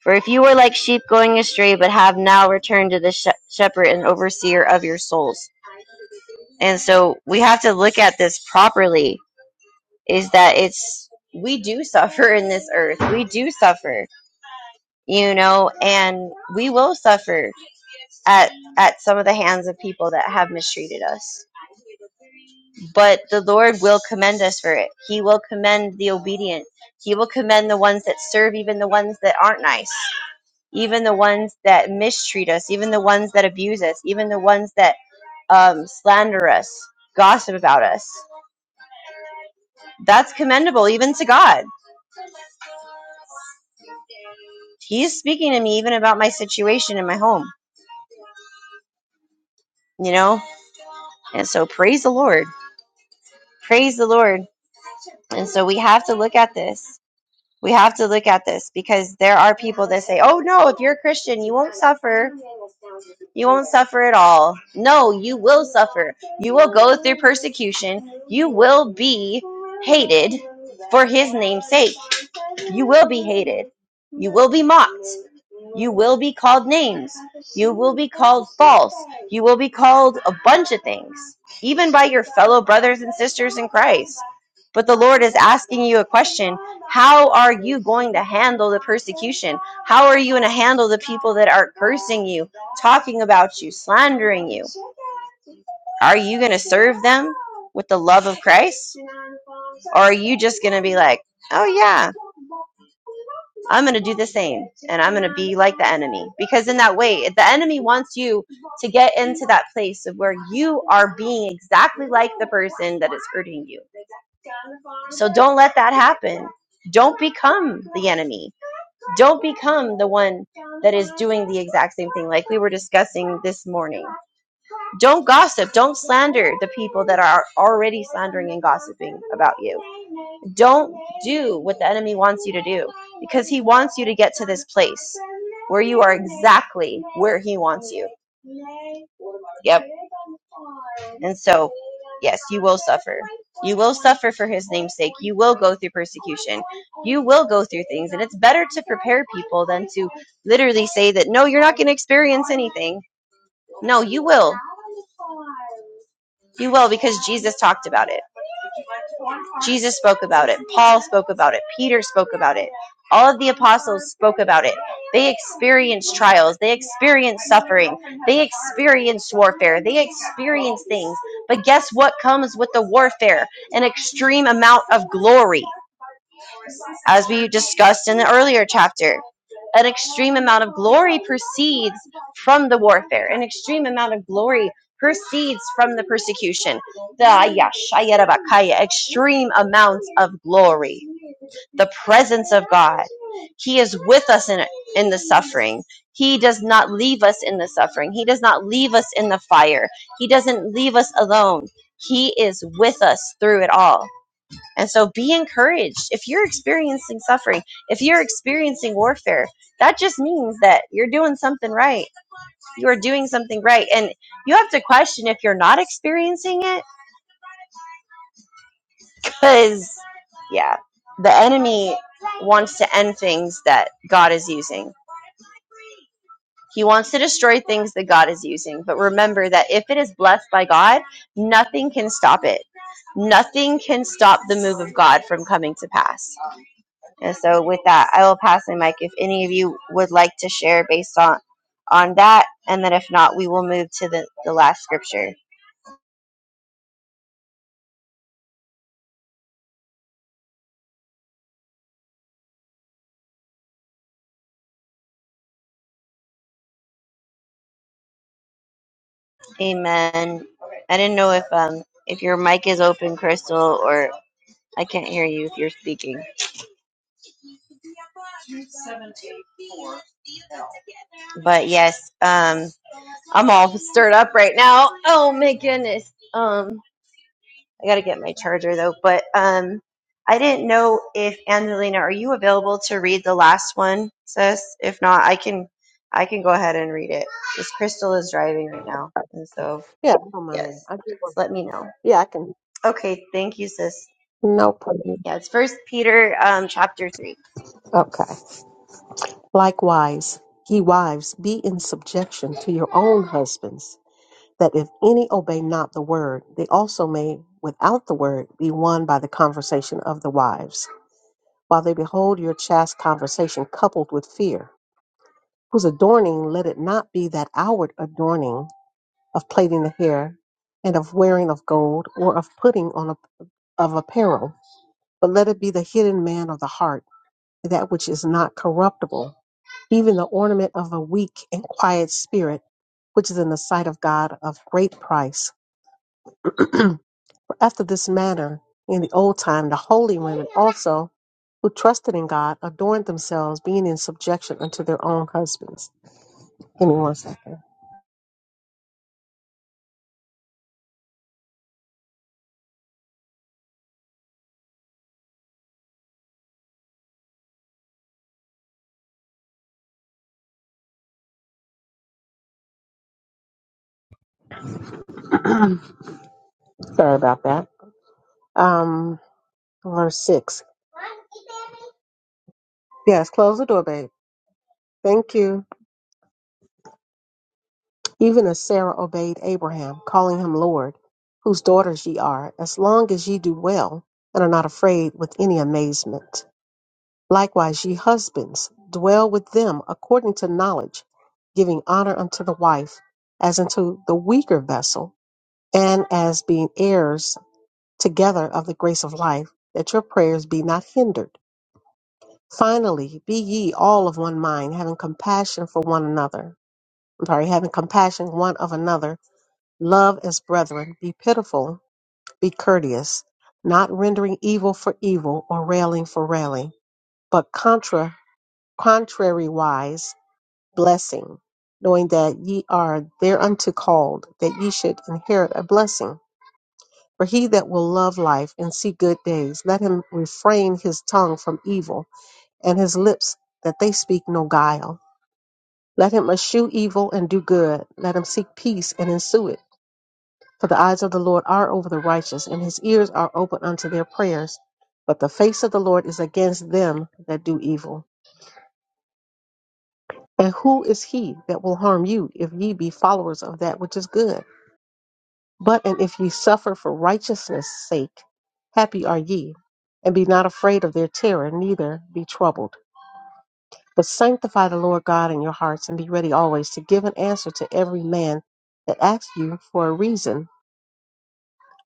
Speaker 2: for if you were like sheep going astray, but have now returned to the sh- shepherd and overseer of your souls. And so we have to look at this properly. Is that it's we do suffer in this earth. We do suffer, you know, and we will suffer at at some of the hands of people that have mistreated us. but the Lord will commend us for it. He will commend the obedient. He will commend the ones that serve, even the ones that aren't nice, even the ones that mistreat us, even the ones that abuse us, even the ones that um, slander us, gossip about us. That's commendable, even to God. He's speaking to me even about my situation in my home, you know? And so praise the Lord. Praise the Lord. And so we have to look at this. We have to look at this because there are people that say, "Oh no, if you're a Christian, you won't suffer. You won't suffer at all." No, you will suffer. You will go through persecution. You will be hated for his name's sake. You will be hated. You will be mocked. You will be called names. You will be called false. You will be called a bunch of things, even by your fellow brothers and sisters in Christ. But the Lord is asking you a question How are you going to handle the persecution? How are you going to handle the people that are cursing you, talking about you, slandering you? Are you going to serve them with the love of Christ? Or are you just going to be like, Oh, yeah. I'm going to do the same and I'm going to be like the enemy because in that way the enemy wants you to get into that place of where you are being exactly like the person that is hurting you. So don't let that happen. Don't become the enemy. Don't become the one that is doing the exact same thing like we were discussing this morning. Don't gossip, don't slander the people that are already slandering and gossiping about you don't do what the enemy wants you to do because he wants you to get to this place where you are exactly where he wants you. Yep. And so, yes, you will suffer. You will suffer for his name's sake. You will go through persecution. You will go through things. And it's better to prepare people than to literally say that, no, you're not going to experience anything. No, you will. You will because Jesus talked about it. Jesus spoke about it. Paul spoke about it. Peter spoke about it. All of the apostles spoke about it. They experienced trials. They experienced suffering. They experienced warfare. They experienced things. But guess what comes with the warfare? An extreme amount of glory. As we discussed in the earlier chapter, an extreme amount of glory proceeds from the warfare. An extreme amount of glory proceeds from the persecution. The yashayarabakaya, extreme amounts of glory. The presence of God. He is with us in, in the suffering. He does not leave us in the suffering. He does not leave us in the fire. He doesn't leave us alone. He is with us through it all. And so be encouraged. If you're experiencing suffering, if you're experiencing warfare, that just means that you're doing something right. You are doing something right. And you have to question if you're not experiencing it because, yeah, the enemy wants to end things that God is using. He wants to destroy things that God is using. But remember that if it is blessed by God, nothing can stop it. Nothing can stop the move of God from coming to pass And so, with that, I will pass the mic if any of you would like to share based on on that, and then if not, we will move to the the last scripture. Amen. I didn't know if um if your mic is open, Crystal, or I can't hear you if you're speaking. But yes, um, I'm all stirred up right now. Oh my goodness. Um, I gotta get my charger though. But um, I didn't know if Angelina, are you available to read the last one, sis? If not, I can I can go ahead and read it. Because Crystal is driving right now, and
Speaker 3: Okay.
Speaker 2: so
Speaker 3: Yeah, I don't mind.
Speaker 2: yes,
Speaker 3: reading. I do
Speaker 2: just
Speaker 3: want.
Speaker 2: let me know.
Speaker 3: Yeah, I can.
Speaker 2: Okay, thank you, sis.
Speaker 3: No problem.
Speaker 2: Yeah, it's First Peter um, chapter three.
Speaker 3: Okay. Likewise, ye wives, be in subjection to your own husbands, that if any obey not the word, they also may, without the word, be won by the conversation of the wives, while they behold your chaste conversation coupled with fear, whose adorning let it not be that outward adorning of plaiting the hair, and of wearing of gold, or of putting on a, of apparel, but let it be the hidden man of the heart that which is not corruptible, even the ornament of a weak and quiet spirit, which is in the sight of God of great price. <clears throat> For after this manner, in the old time, the holy women also, who trusted in God, adorned themselves, being in subjection unto their own husbands. Give me one second. <clears throat> Sorry about that. Um, verse six. Yes, close the door, babe. Thank you. Even as Sarah obeyed Abraham, calling him Lord, whose daughters ye are, as long as ye do well, and are not afraid with any amazement. Likewise, ye husbands, dwell with them according to knowledge, giving honor unto the wife, as unto the weaker vessel, and as being heirs together of the grace of life, that your prayers be not hindered. Finally, be ye all of one mind, having compassion for one another. I'm sorry, having compassion one of another Love as brethren, be pitiful, be courteous, not rendering evil for evil or railing for railing, but contra, contrariwise blessing, knowing that ye are thereunto called, that ye should inherit a blessing. For he that will love life and see good days, let him refrain his tongue from evil, and his lips that they speak no guile. Let him eschew evil and do good. Let him seek peace and ensue it. For the eyes of the Lord are over the righteous, and his ears are open unto their prayers. But the face of the Lord is against them that do evil. And who is he that will harm you, if ye be followers of that which is good? But and if ye suffer for righteousness' sake, happy are ye, and be not afraid of their terror, neither be troubled. But sanctify the Lord God in your hearts, and be ready always to give an answer to every man that asks you for a reason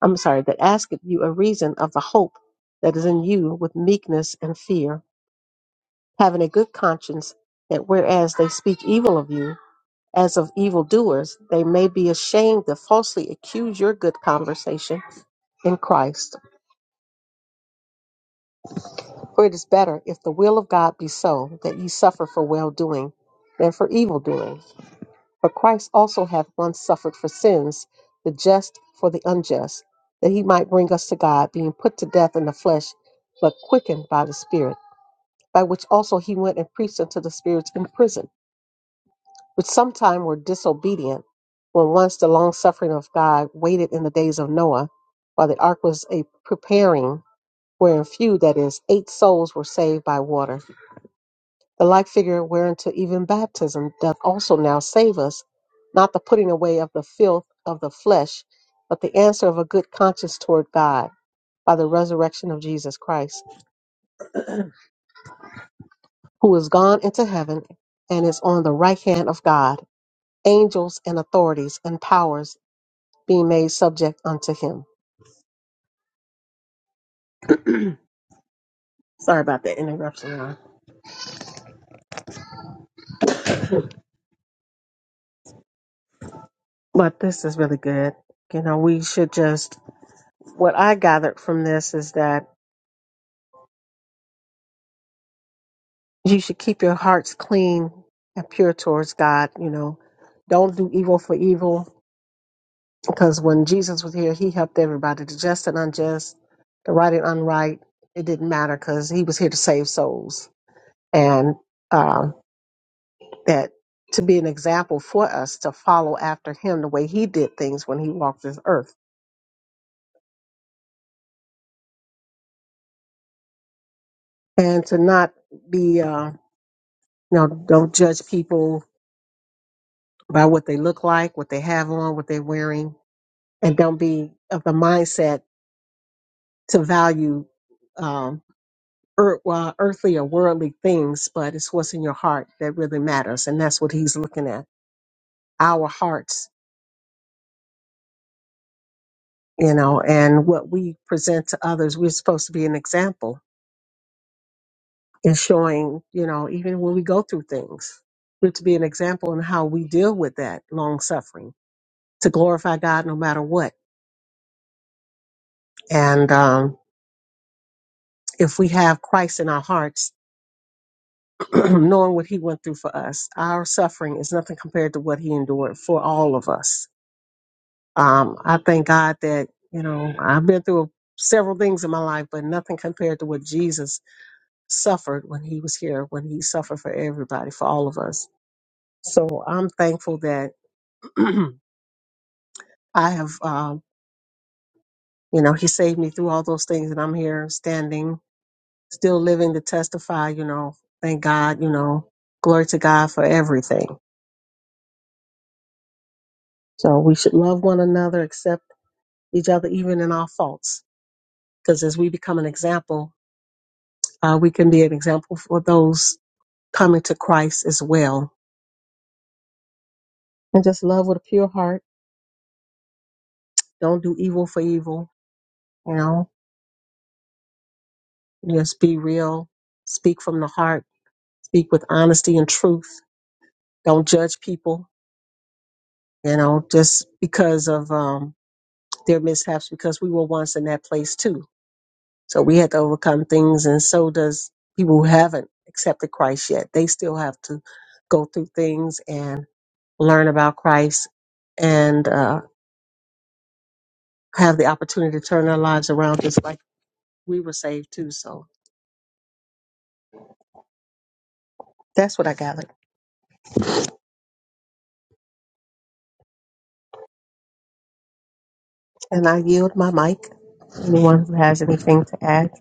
Speaker 3: I'm sorry, that asketh you a reason of the hope that is in you with meekness and fear, having a good conscience, that whereas they speak evil of you, as of evildoers, they may be ashamed that falsely accuse your good conversation in Christ. For it is better, if the will of God be so, that ye suffer for well doing than for evil doing. For Christ also hath once suffered for sins, the just for the unjust, that he might bring us to God, being put to death in the flesh, but quickened by the Spirit, by which also he went and preached unto the spirits in prison, which sometime were disobedient, when once the long suffering of God waited in the days of Noah, while the ark was a preparing, wherein few, that is, eight souls, were saved by water. The like figure whereunto even baptism doth also now save us, not the putting away of the filth of the flesh, but the answer of a good conscience toward God by the resurrection of Jesus Christ, who is gone into heaven and is on the right hand of God, angels and authorities and powers being made subject unto him. <clears throat> Sorry about that interruption, y'all. But this is really good. You know, we should just, what I gathered from this is that you should keep your hearts clean and pure towards God. You know, don't do evil for evil. Because when Jesus was here, he helped everybody, the just and unjust, the right and unright. It didn't matter because he was here to save souls. And um, that to be an example for us to follow after him the way he did things when he walked this earth. And to not be, uh, you know, don't judge people by what they look like, what they have on, what they're wearing. And don't be of the mindset to value um, earth, well, earthly or worldly things, but it's what's in your heart that really matters. And that's what he's looking at our hearts, you know, and what we present to others. We're supposed to be an example in showing, you know, even when we go through things, we're to be an example in how we deal with that long suffering to glorify God no matter what. And um, if we have Christ in our hearts, <clears throat> knowing what he went through for us, our suffering is nothing compared to what he endured for all of us Um, I thank God that, you know, I've been through several things in my life, but nothing compared to what Jesus suffered when he was here, when he suffered for everybody, for all of us. So I'm thankful that <clears throat> I have, um, you know, he saved me through all those things and I'm here standing, still living to testify, you know, thank God, you know, glory to God for everything. So we should love one another, accept each other, even in our faults, because as we become an example, uh, we can be an example for those coming to Christ as well. And just love with a pure heart. Don't do evil for evil. You know, just be real. Speak from the heart. Speak with honesty and truth. Don't judge people, you know, just because of um, their mishaps, because we were once in that place too. So we had to overcome things. And so does people who haven't accepted Christ yet. They still have to go through things and learn about Christ and uh, have the opportunity to turn their lives around just like we were saved too. So that's what I gathered. And I yield my mic. Anyone who has anything to add?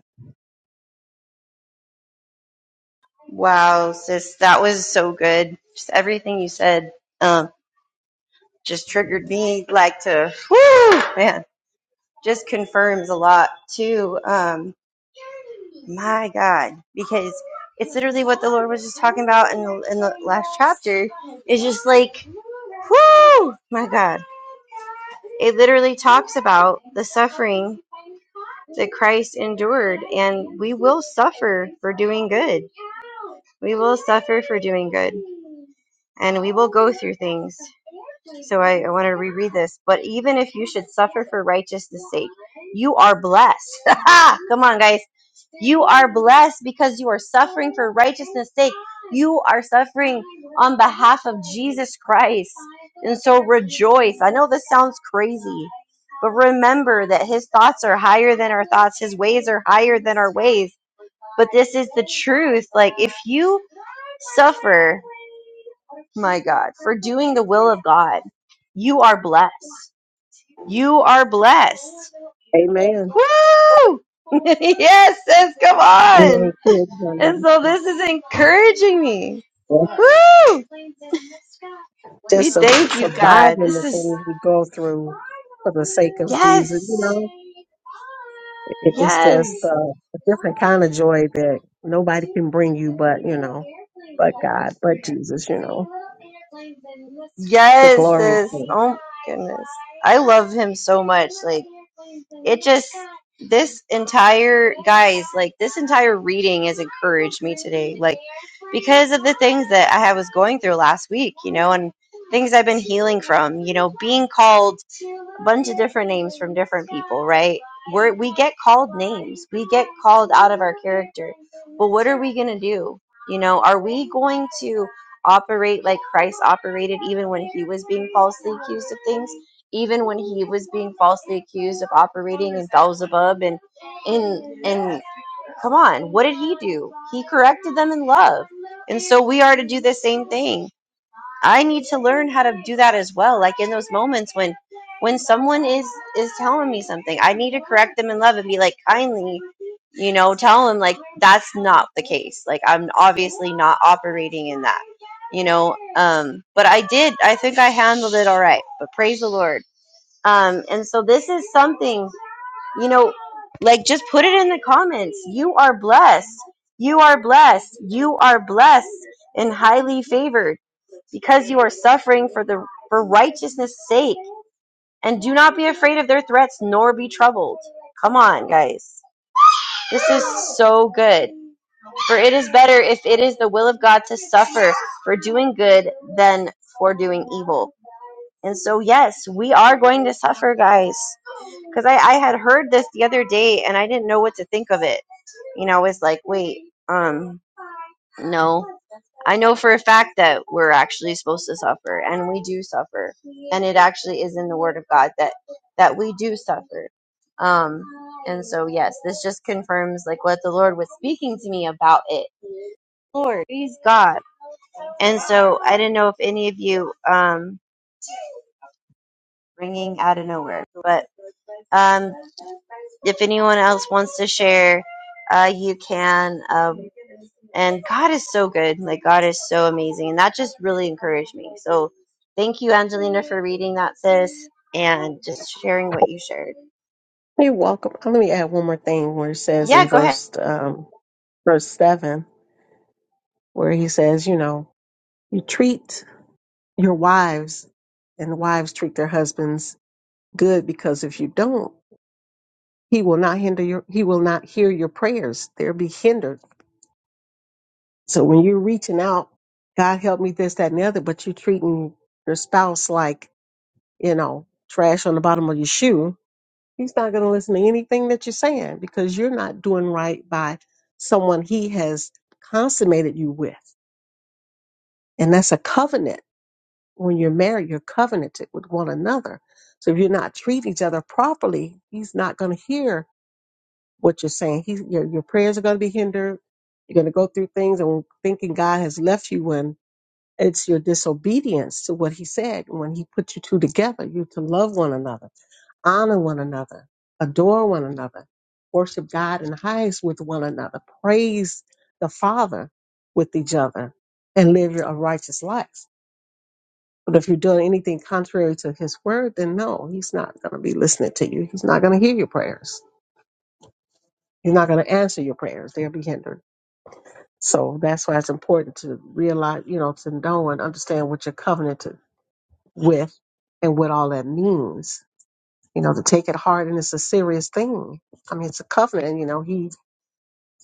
Speaker 2: Wow, sis, that was so good. Just everything you said um, just triggered me like to whoo man. Just confirms a lot too. Um, My God, because it's literally what the Lord was just talking about in the, in the last chapter. It's just like, whoo, my God. It literally talks about the suffering that Christ endured, and we will suffer for doing good. We will suffer for doing good, and we will go through things. So I, I want to reread this. But even if you should suffer for righteousness' sake, you are blessed. <laughs> Come on, guys You are blessed because you are suffering for righteousness' sake. You are suffering on behalf of Jesus Christ. And so rejoice. I know this sounds crazy, but remember that his thoughts are higher than our thoughts, his ways are higher than our ways. But this is the truth. Like, if you suffer, my God, for doing the will of God, you are blessed. You are blessed.
Speaker 3: Amen.
Speaker 2: Woo! <laughs> yes, sis, come
Speaker 3: We
Speaker 2: on.
Speaker 3: ain't kids, honey.
Speaker 2: And so this is encouraging me.
Speaker 3: That's
Speaker 2: Woo!
Speaker 3: Just
Speaker 2: We
Speaker 3: su-
Speaker 2: thank you, God.
Speaker 3: surviving
Speaker 2: This
Speaker 3: the
Speaker 2: is
Speaker 3: things we go through for the sake of Jesus,
Speaker 2: yes.
Speaker 3: you know, it, it's
Speaker 2: Yes.
Speaker 3: just uh, a different kind of joy that nobody can bring you, but you know, but God, but Jesus, you know, the
Speaker 2: Yes,
Speaker 3: glorious
Speaker 2: sis.
Speaker 3: thing.
Speaker 2: Oh goodness. I love him so much. Like it just this entire guys, like this entire reading has encouraged me today. Like because of the things that I was going through last week, you know, and things I've been healing from, you know, being called bunch of different names from different people, right? We're, we get called names. We get called out of our character. But what are we going to do? You know, are we going to operate like Christ operated even when he was being falsely accused of things? Even when he was being falsely accused of operating in Beelzebub and in and come on, what did he do? He corrected them in love. And so we are to do the same thing. I need to learn how to do that as well. Like in those moments when when someone is is telling me something, I need to correct them in love and be like kindly, you know, tell them like that's not the case. Like I'm obviously not operating in that. You know, um but I did. I think I handled it all right. But praise the Lord. Um and so this is something you know, like just put it in the comments. You are blessed. You are blessed. You are blessed and highly favored because you are suffering for the for righteousness' sake. And do not be afraid of their threats nor be troubled. Come on, guys. This is so good. For it is better if it is the will of God to suffer for doing good than for doing evil. And so yes, we are going to suffer, guys because I, I had heard this the other day and I didn't know what to think of it. You know, I was like, wait, um, no. I know for a fact that we're actually supposed to suffer and we do suffer. And it actually is in the word of God that that we do suffer. Um and so yes, this just confirms like what the Lord was speaking to me about it. Lord, praise God. And so I didn't know if any of you um ringing out of nowhere, but Um, if anyone else wants to share, uh, you can. Um, and God is so good. Like, God is so amazing. And that just really encouraged me. So, thank you, Angelina, for reading that, sis, and just sharing what you shared.
Speaker 3: You're welcome. Uh, Let me add one more thing where it says
Speaker 2: Yeah,
Speaker 3: in
Speaker 2: go ahead.
Speaker 3: verse um, verse seven, where he says, you know, you treat your wives and the wives treat their husbands good because if you don't, he will not hinder your he will not hear your prayers. They'll be hindered. So when you're reaching out, God help me this, that, and the other, but you're treating your spouse like, you know, trash on the bottom of your shoe He's not going to listen to anything that you're saying because you're not doing right by someone he has consummated you with. And that's a covenant. When you're married, you're covenanted with one another. So if you're not treating each other properly, he's not going to hear what you're saying. He, your, your prayers are going to be hindered. You're going to go through things and thinking God has left you when it's your disobedience to what he said. When he put you two together, you're to love one another honor one another, adore one another, worship God in highest with one another, praise the Father with each other, and live your a righteous lives. But if you're doing anything contrary to His word, then no, He's not going to be listening to you. He's not going to hear your prayers. He's not going to answer your prayers. They'll be hindered. So that's why it's important to realize, you know, to know and understand what you're covenanted with and what all that means you know, to take it hard and it's a serious thing. I mean, it's a covenant and, you know, he,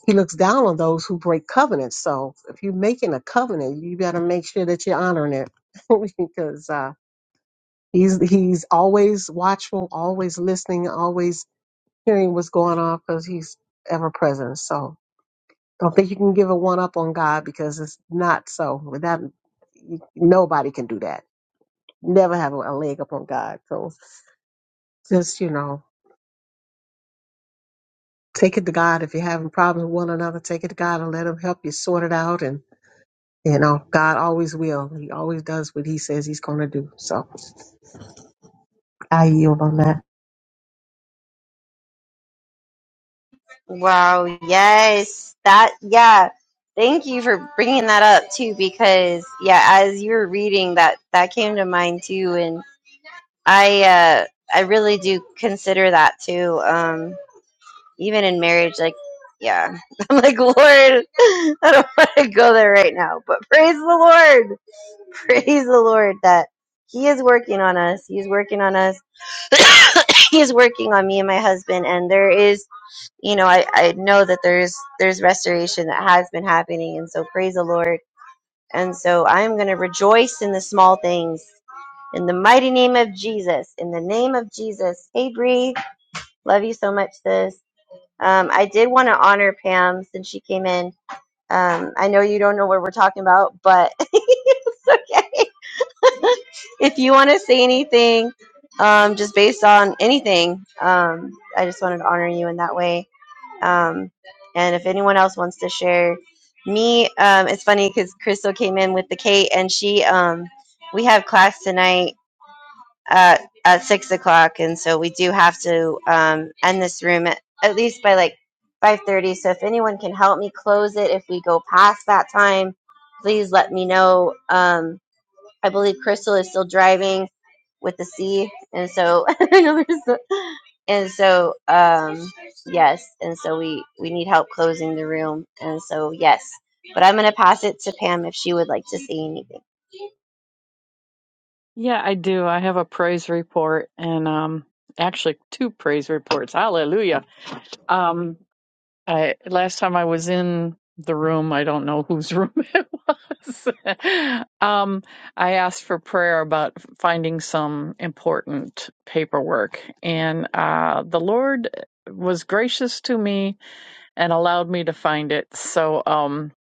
Speaker 3: he looks down on those who break covenants. So if you're making a covenant, you got to make sure that you're honoring it <laughs> because, uh, he's, he's always watchful, always listening, always hearing what's going on because he's ever present. So don't think you can give a one up on God because it's not so without nobody can do that. Never have a leg up on God. So just, you know, take it to God. If you're having problems with one another, take it to God and let Him help you sort it out. And, you know, God always will. He always does what He says He's going to do. So I yield on that.
Speaker 2: Wow. Yes. That, yeah. Thank you for bringing that up, too, because, yeah, as you were reading, that, that came to mind, too. And I, uh, I really do consider that, too. Um, Even in marriage, like, yeah. <laughs> I'm like, Lord, I don't <laughs> want to go there right now. But praise the Lord. <laughs> Praise the Lord that He is working on us. He's working on us. <coughs> He's working on me and my husband. And there is, you know, I, I know that there's there's restoration that has been happening. And so praise the Lord. And so I'm gonna rejoice in the small things. In the mighty name of Jesus. In the name of Jesus. Hey, Bree. Love you so much, sis. Um, I did want to honor Pam since she came in. Um, I know you don't know what we're talking about, but <laughs> it's okay. <laughs> if you want to say anything, um, just based on anything, um, I just wanted to honor you in that way. Um, and if anyone else wants to share, me, um, it's funny because Crystal came in with the Kate, and she, um, we have class tonight, at at six o'clock, and so we do have to um, end this room at, at least by like five thirty. So if anyone can help me close it, if we go past that time, please let me know. Um, I believe Crystal is still driving with the C, and so <laughs> I know there's a- and so um, yes, and so we we need help closing the room, and so yes. But I'm going to pass it to Pam if she would like to say anything.
Speaker 4: Yeah, I do. I have a praise report and um actually two praise reports. Hallelujah. Um I last time I was in the room, I don't know whose room <laughs> it was. um I asked for prayer about finding some important paperwork and uh the Lord was gracious to me and allowed me to find it. So um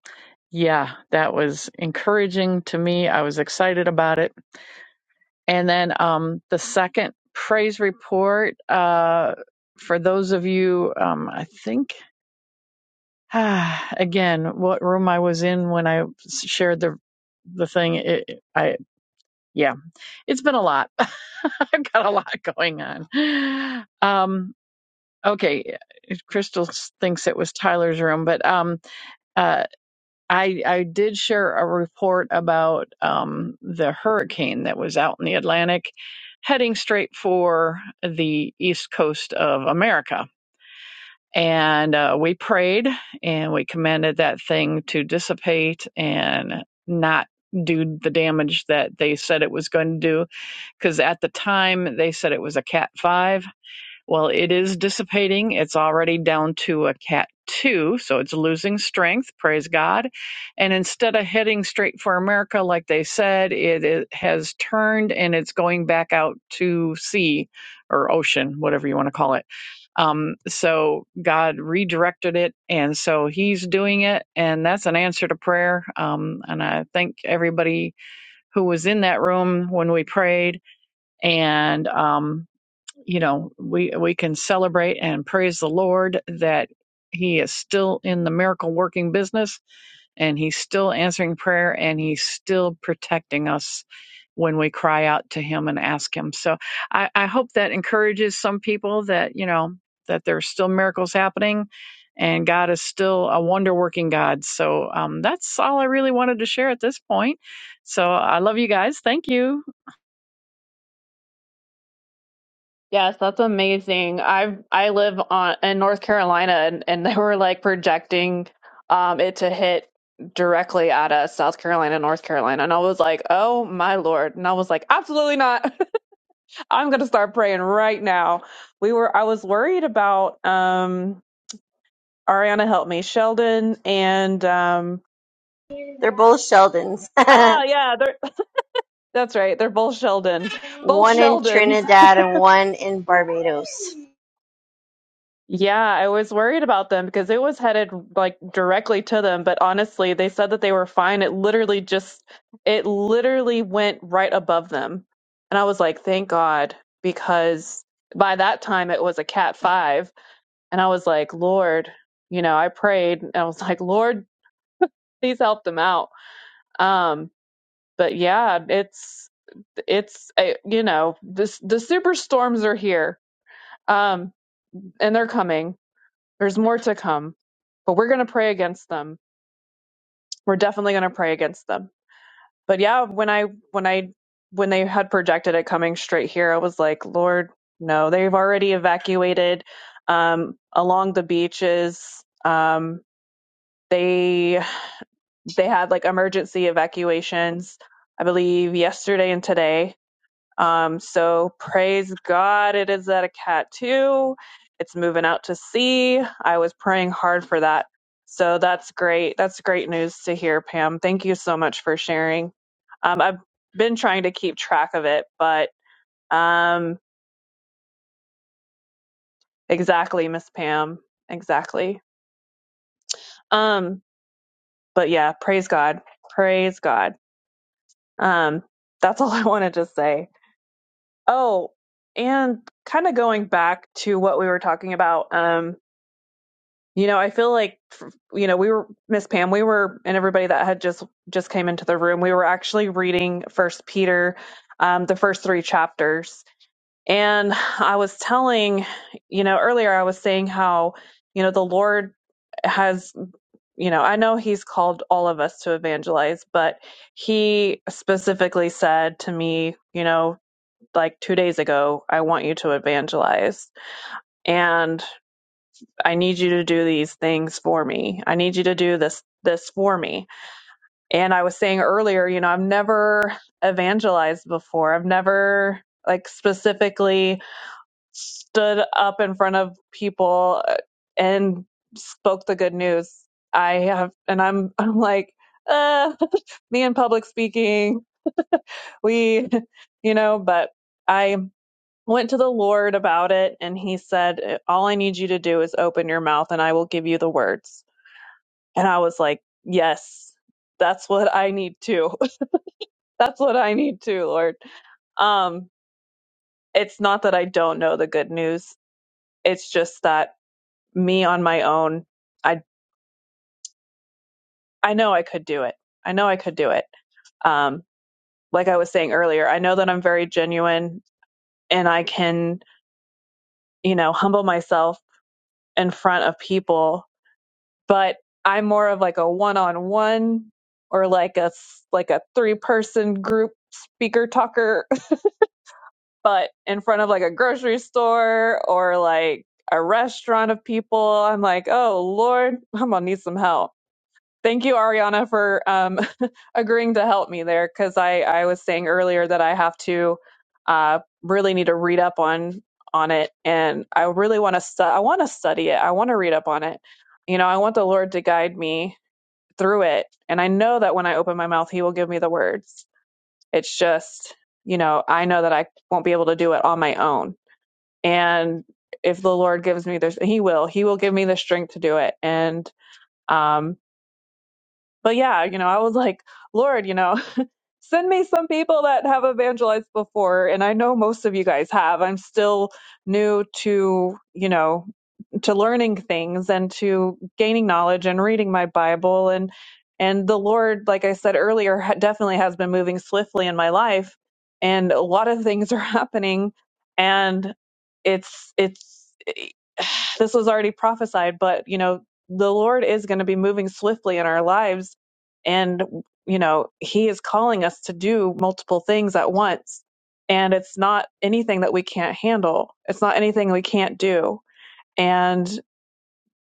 Speaker 4: yeah, that was encouraging to me. I was excited about it and then um, the second praise report uh, for those of you, um, I think, <sighs> ah, again, what room I was in when I shared the the thing. It, I yeah, it's been a lot. <laughs> I've got a lot going on. Um, okay, Crystal thinks it was Tyler's room, but um, uh, I I did share a report about um, the hurricane that was out in the Atlantic, heading straight for the east coast of America. And uh, we prayed and we commanded that thing to dissipate and not do the damage that they said it was going to do. Because at the time they said it was a Cat 5 well, it is dissipating. It's already down to a cat two, so it's losing strength. Praise God. And instead of heading straight for America, like they said, it, it has turned and it's going back out to sea or ocean, whatever you want to call it. Um, so God redirected it. And so he's doing it. And that's an answer to prayer. Um, and I thank everybody who was in that room when we prayed. And, um, you know we we can celebrate and praise the lord that he is still in the miracle working business and he's still answering prayer and he's still protecting us when we cry out to him and ask him so i, I hope that encourages some people that you know that there's still miracles happening and god is still a wonder working god so um, that's all i really wanted to share at this point so i love you guys thank you
Speaker 1: Yes, that's amazing. I I live on in North Carolina and, and <laughs> they were like projecting um it to hit directly at us, South Carolina, North Carolina. And I was like, "Oh my Lord." And I was like, "Absolutely not. <laughs> I'm going to start praying right now." We were I was worried about um Ariana help me, Sheldon and um
Speaker 2: They're both Sheldons. <laughs>
Speaker 1: Ah, yeah, they're <laughs> that's right. They're both Sheldon. Both
Speaker 2: one in
Speaker 1: Sheldons.
Speaker 2: Trinidad and one in Barbados.
Speaker 1: Yeah, I was worried about them because it was headed like directly to them, but honestly, they said that they were fine. It literally just it literally went right above them. And I was like, "Thank God," because by that time it was a cat 5, and I was like, "Lord, you know, I prayed and I was like, "Lord, please help them out." Um, but yeah, it's it's uh, you know, this the superstorms are here. Um, and they're coming There's more to come, but we're going to pray against them. We're definitely going to pray against them. But yeah, when I when I when they had projected it coming straight here, I was like, Lord, no, they've already evacuated um, along the beaches. Um, they they had like emergency evacuations, I believe, yesterday and today Um, so praise God, it is at a cat too. It's moving out to sea. I was praying hard for that. So that's great. That's great news to hear, Pam. Thank you so much for sharing. Um, I've been trying to keep track of it, but um, exactly, Miss Pam. Exactly. Um, but yeah, praise God. Praise God. Um, that's all <laughs> I wanted to say. Oh, and kind of going back to what we were talking about. Um, You know, I feel like you know, we were Miss Pam, we were and everybody that had just just came into the room, we were actually reading First Peter, um, the first three chapters. And I was telling, you know, earlier I was saying how, you know, the Lord has, you know, I know he's called all of us to evangelize, but he specifically said to me, you know, like 2 days ago, I want you to evangelize. And I need you to do these things for me. I need you to do this this for me. And I was saying earlier, you know, I've never evangelized before. I've never like specifically stood up in front of people uh, and spoke the good news. I have and I'm <laughs> I'm like uh <laughs> me and public speaking, we <laughs> you know, but I went to the Lord about it and he said, All I need you to do is open your mouth and I will give you the words. And I was like, yes, that's what I need too. <laughs> that's what I need too, Lord. Um, it's not that I don't know the good news. It's just that me on my own, I I know I could do it. I know I could do it. Um, like I was saying earlier, I know that I'm very genuine and I can, you know, humble myself in front of people, but I'm more of like a one-on-one or like a s- like a three-person group speaker talker but in front of like a grocery store or like a restaurant of people, I'm like, oh Lord, I'm gonna need some help. Thank you, Ariana, for um, <laughs> agreeing to help me there because I, I was saying earlier that I have to uh, really need to read up on on it, and I really want to stu- I want to study it. I want to read up on it. You know, I want the Lord to guide me through it, and I know that when I open my mouth, He will give me the words it's just, you know, I know that I won't be able to do it on my own. And if the Lord gives me this, He will, He will give me the strength to do it. And, um, but yeah, you know, I was like, Lord, you know, send me some people that have evangelized before and i know most of you guys have i'm still new to you know to learning things and to gaining knowledge and reading my bible and and the lord like i said earlier ha- definitely has been moving swiftly in my life and a lot of things are <laughs> happening and it's it's <sighs> this was already prophesied but you know the lord is going to be moving swiftly in our lives and you know, he is calling us to do multiple things at once. And it's not anything that we can't handle. It's not anything we can't do. And,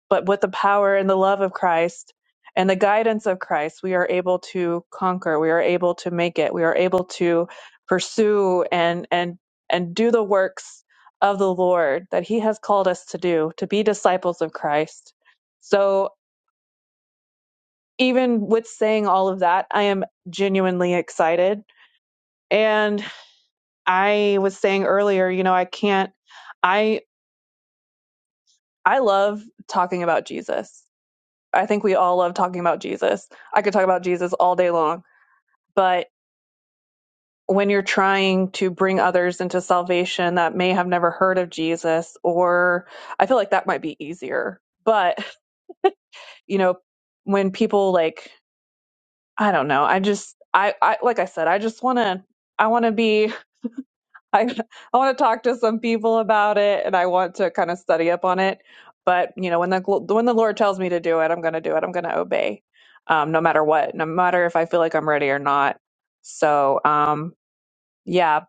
Speaker 1: but with the power and the love of Christ and the guidance of Christ, we are able to conquer. We are able to make it. We are able to pursue and, and, and do the works of the Lord that he has called us to do, to be disciples of Christ. So even with saying all of that, I am genuinely excited And I was saying earlier, you know, I can't I I love talking about Jesus. I think we all love talking about Jesus. I could talk about Jesus all day long, but when you're trying to bring others into salvation that may have never heard of Jesus or I feel like that might be easier. But, you know, when people like I don't know, I just I I like I said, I just want to I want to be I <laughs> I want to talk to some people about it, and I want to kind of study up on it. But you know, when the gl- when the Lord tells me to do it, I'm going to do it. I'm going to obey, um, no matter what, no matter if I feel like I'm ready or not. So, um, yeah.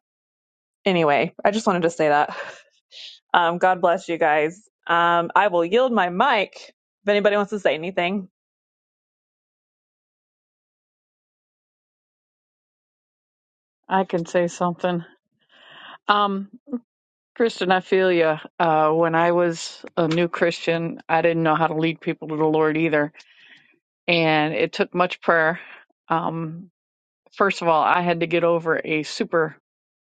Speaker 1: Anyway, I just wanted to say that. <laughs> Um, God bless you guys. Um, I will yield my mic if anybody wants to say anything.
Speaker 4: i can say something Um. Kristen, I feel you. Uh, when I was a new Christian, I didn't know how to lead people to the Lord either. And it took much prayer. Um, first of all, I had to get over a super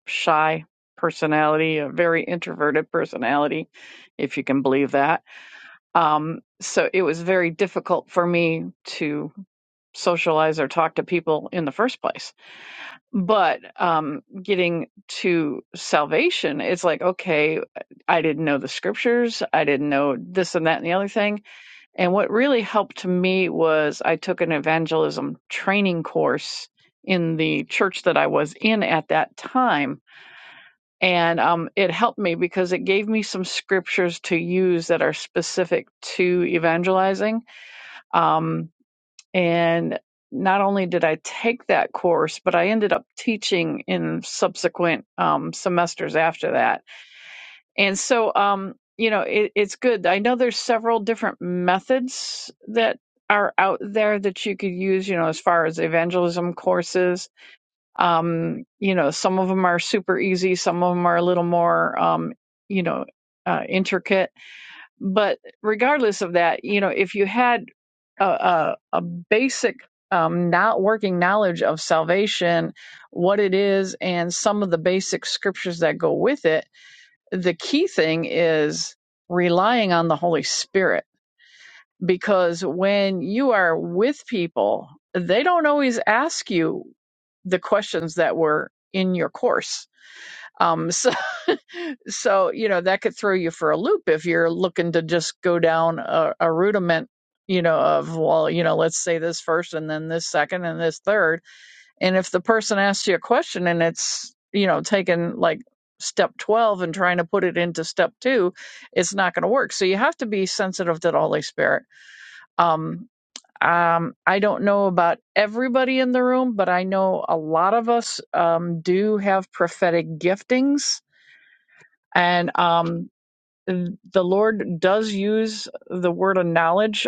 Speaker 4: shy personality, a very introverted personality, if you can believe that. Um, so it was very difficult for me to socialize or talk to people in the first place but um getting to salvation it's like okay i didn't know the scriptures i didn't know this and that and the other thing and what really helped to me was i took an evangelism training course in the church that i was in at that time and um, it helped me because it gave me some scriptures to use that are specific to evangelizing um, and not only did I take that course, but I ended up teaching in subsequent um, semesters after that. And so, um, you know, it, it's good. I know there's several different methods that are out there that you could use, you know, as far as evangelism courses. Um, you know, some of them are super easy, some of them are a little more, um, you know, uh, intricate. But regardless of that, you know, if you had a, a, a basic um, not working knowledge of salvation, what it is, and some of the basic scriptures that go with it. The key thing is relying on the Holy Spirit because when you are with people, they don't always ask you the questions that were in your course um, so, <laughs> so you know that could throw you for a loop if you're looking to just go down a, a rudiment, you know, of well, you know, let's say this first and then this second and this third. And if the person asks you a question and it's you know taking like step 12 and trying to put it into step two it's not going to work so you have to be sensitive to the holy spirit um um, I don't know about everybody in the room, but I know a lot of us um, do have prophetic giftings and um, the Lord does use the word of knowledge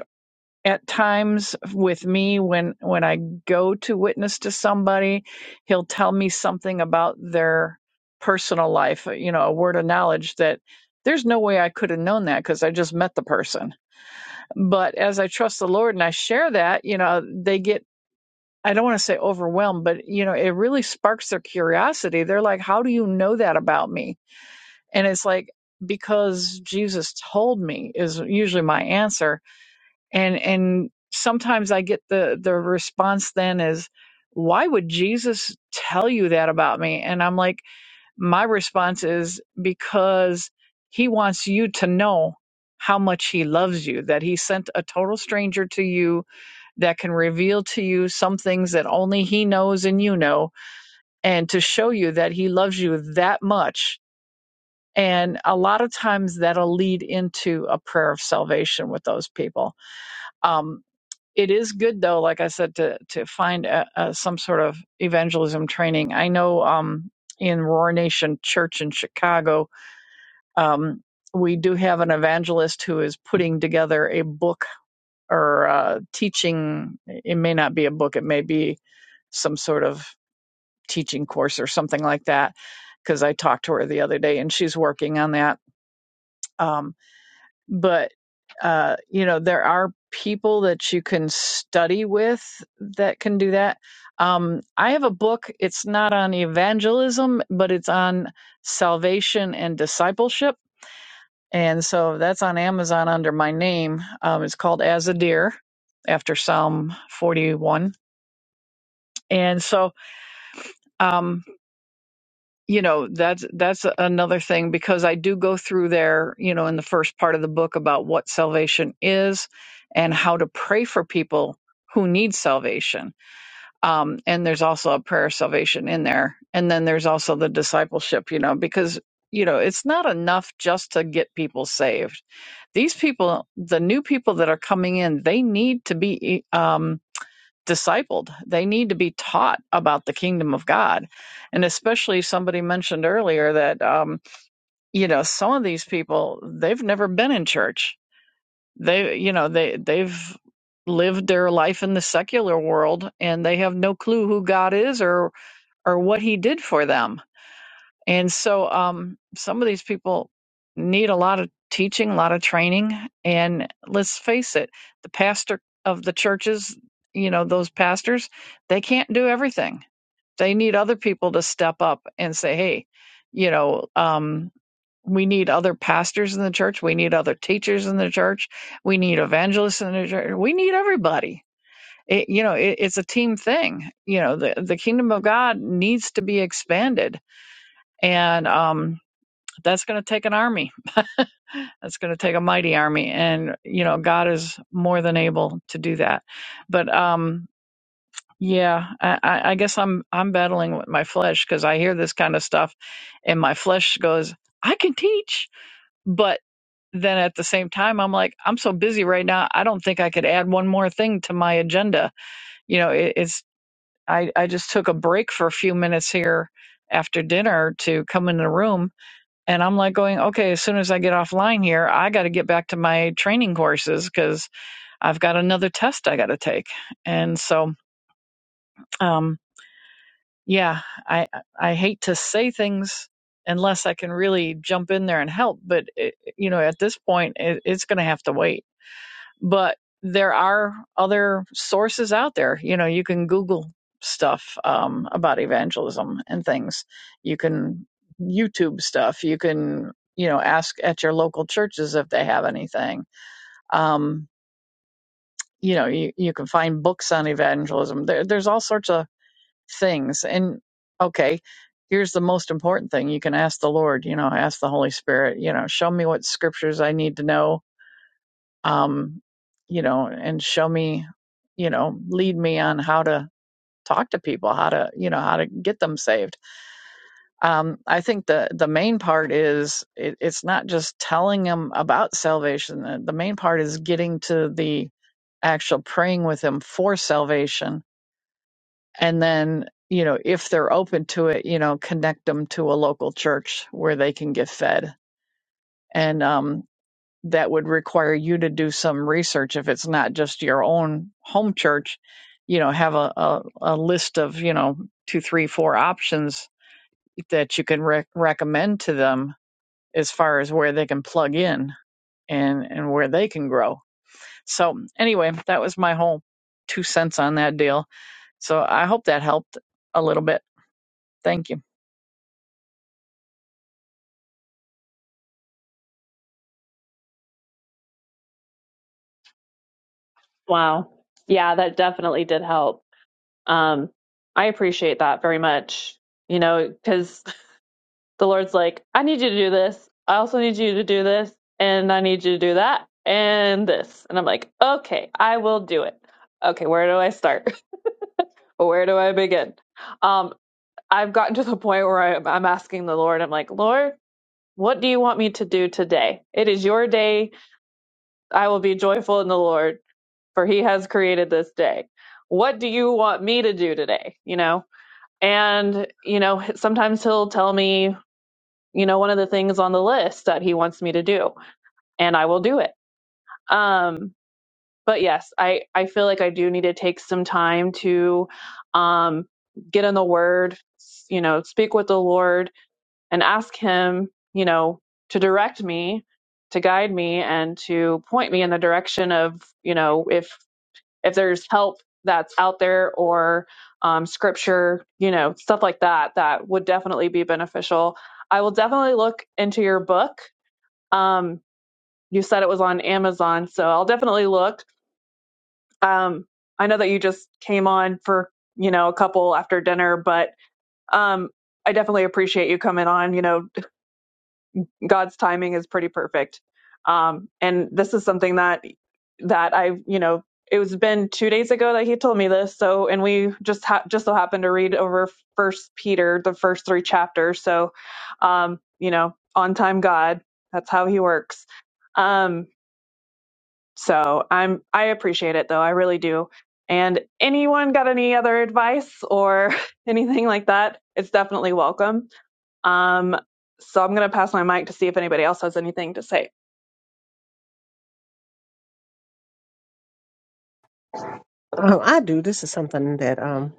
Speaker 4: at times with me when when I go to witness to somebody. He'll tell me something about their personal life, you know, a word of knowledge that there's no way I could have known that because I just met the person. But as I trust the Lord and I share that, you know, they get. I don't want to say overwhelmed, but you know, it really sparks their curiosity. They're like, "How do you know that about me?" and it's like because jesus told me is usually my answer and and sometimes i get the the response then is why would jesus tell you that about me and i'm like my response is because he wants you to know how much he loves you that he sent a total stranger to you that can reveal to you some things that only he knows and you know and to show you that he loves you that much and a lot of times that'll lead into a prayer of salvation with those people. Um, it is good though, like I said, to to find a, a, some sort of evangelism training. I know um, in Roar Nation Church in Chicago, um, we do have an evangelist who is putting together a book or uh, teaching. It may not be a book; it may be some sort of teaching course or something like that. Because I talked to her the other day, and she's working on that. Um, but uh, you know there are people that you can study with that can do that um, i have a book it's not on evangelism but it's on salvation and discipleship and so that's on amazon under my name um, it's called as a deer after psalm 41 and so um, you know that's that's another thing because i do go through there you know in the first part of the book about what salvation is and how to pray for people who need salvation um, and there's also a prayer of salvation in there and then there's also the discipleship you know because you know it's not enough just to get people saved these people the new people that are coming in they need to be e, um, discipled. They need to be taught about the kingdom of God. And especially somebody mentioned earlier that, um, you know, some of these people, they've never been in church. They, you know, they, they've lived their life in the secular world and they have no clue who God is or, or what he did for them and so um, some of these people need a lot of teaching, a lot of training. And let's face it, the pastor of the churches, you know, those pastors, they can't do everything. They need other people to step up and say, hey, you know, um, we need other pastors in the church. We need other teachers in the church. We need evangelists in the church. We need everybody. It, you know, it, it's a team thing. You know, the, the kingdom of God needs to be expanded and um, but that's going to take an army. That's going to take a mighty army. And, you know, God is more than able to do that. But, um, yeah, I, I guess I'm I'm battling with my flesh because I hear this kind of stuff, and my flesh goes, "I can teach," but then at the same time, I'm like, I'm so busy right now, I don't think I could add one more thing to my agenda. You know, it, it's I I just took a break for a few minutes here after dinner to come in the room And I'm like going, okay, as soon as I get offline here, I got to get back to my training courses because I've got another test I got to take. And so, um, yeah, I I hate to say things unless I can really jump in there and help, but it, you know, at this point, it, it's going to have to wait but there are other sources out there. You know, you can Google stuff um, about evangelism and things. You can YouTube stuff. You can, you know, ask at your local churches if they have anything. Um, you know, you, you can find books on evangelism. There, there's all sorts of things. And okay, here's the most important thing you can ask the Lord, you know, ask the Holy Spirit, you know, show me what scriptures I need to know um, you know, and show me, you know, lead me on how to talk to people, how to, you know, how to get them saved. Um, I think the the main part is it, it's not just telling them about salvation. The the main part is getting to the actual praying with them for salvation, and then you know, if they're open to it, you know, connect them to a local church where they can get fed. And um, that would require you to do some research if it's not just your own home church you know have a, a, a list of you know two three four options that you can rec- recommend to them as far as where they can plug in and and where they can grow so anyway that was my whole two cents on that deal so i hope that helped a little bit thank you
Speaker 1: Wow. Yeah, that definitely did help. Um, I appreciate that very much. You know, because. the Lord's like, I need you to do this. I also need you to do this. And I need you to do that and this. And I'm like, okay, I will do it. Okay, where do I start? <laughs> where do I begin? Um, I've gotten to the point where i I'm asking the Lord, I'm like, Lord, what do you want me to do today? It is your day. I will be joyful in the Lord, for he has created this day. What do you want me to do today? You know? And, you know, sometimes he'll tell me you know, one of the things on the list that he wants me to do, and I will do it. Um, but yes, I, I feel like I do need to take some time to um, get in the word, you know, speak with the Lord and ask him, you know, to direct me, to guide me and to point me in the direction of, you know, if if there's help that's out there or um, scripture, you know, stuff like that, that would definitely be beneficial. I will definitely look into your book um, you said it was on Amazon, so I'll definitely look. Um, I know that you just came on for you know a couple after dinner, but um, I definitely appreciate you coming on. You know, God's timing is pretty perfect, um, and this is something that that I you know it was been two days ago that he told me this. So, and we just ha- just so happened to read over First Peter, the first three chapters. So, um, you know, on time God, that's how he works. Um, So I'm I appreciate it though. I really do. And anyone got any other advice or <laughs> anything like that? It's definitely welcome. Um, so I'm gonna pass my mic to see if anybody else has anything to say.
Speaker 3: Um, I do. This is something that um,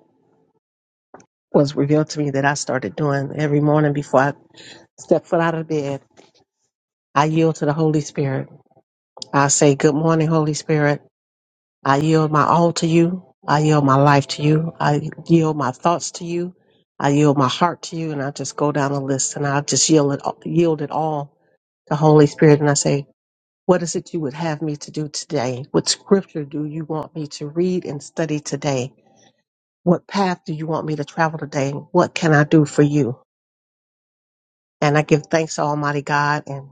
Speaker 3: was revealed to me that I started doing every morning before I step foot out of bed. I yield to the Holy Spirit. I say, Good morning, Holy Spirit. I yield my all to you. I yield my life to you. I yield my thoughts to you. I yield my heart to you. And I just go down the list and I just yield it, yield it all to Holy Spirit. And I say, what is it you would have me to do today? What scripture do you want me to read and study today? What path do you want me to travel today? What can I do for you? And I give thanks to Almighty God and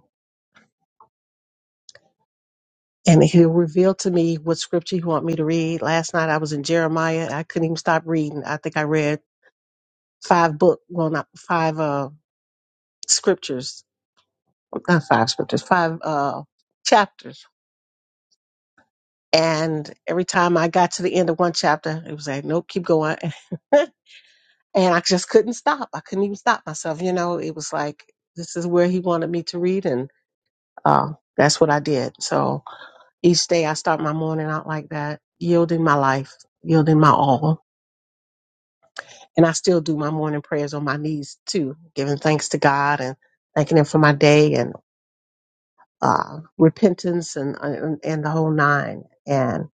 Speaker 3: and he'll reveal to me what scripture you want me to read. Last night I was in Jeremiah. I couldn't even stop reading. I think I read five book, well, not five uh, scriptures, not five scriptures, five uh, chapters. And every time I got to the end of one chapter, it was like, nope, keep going. <laughs> and I just couldn't stop. I couldn't even stop myself. You know, it was like, this is where he wanted me to read. And uh, that's what I did. So each day I start my morning out like that, yielding my life, yielding my all. And I still do my morning prayers on my knees too, giving thanks to God and thanking Him for my day. and. uh, repentance and, and and the whole nine. And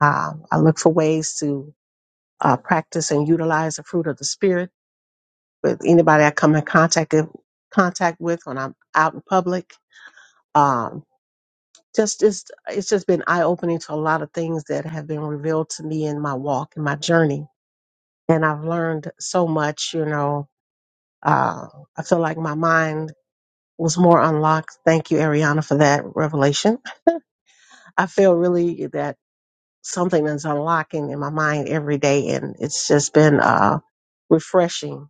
Speaker 3: um, I look for ways to uh, practice and utilize the fruit of the spirit with anybody I come in contact with, contact with when I'm out in public. Um, just it's, it's just been eye opening to a lot of things that have been revealed to me in my walk and my journey, and I've learned so much. You know, uh, I feel like my mind was more unlocked. Thank you, Ariana, for that revelation. I feel really that something that's unlocking in my mind every day and it's just been uh refreshing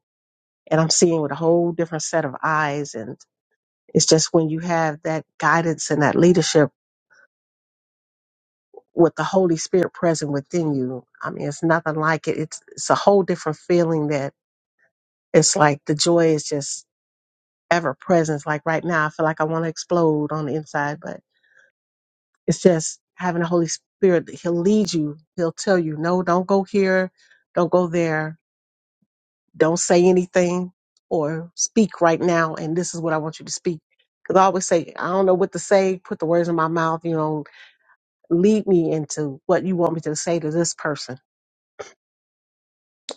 Speaker 3: and i'm seeing with a whole different set of eyes and it's just when you have that guidance and that leadership with the holy spirit present within you i mean it's nothing like it it's it's a whole different feeling that it's like the joy is just ever present It's like right now i feel like i want to explode on the inside but it's just having the holy spirit he'll lead you he'll tell you no don't go here don't go there don't say anything or speak right now and this is what i want you to speak because i always say i don't know what to say put the words in my mouth you know lead me into what you want me to say to this person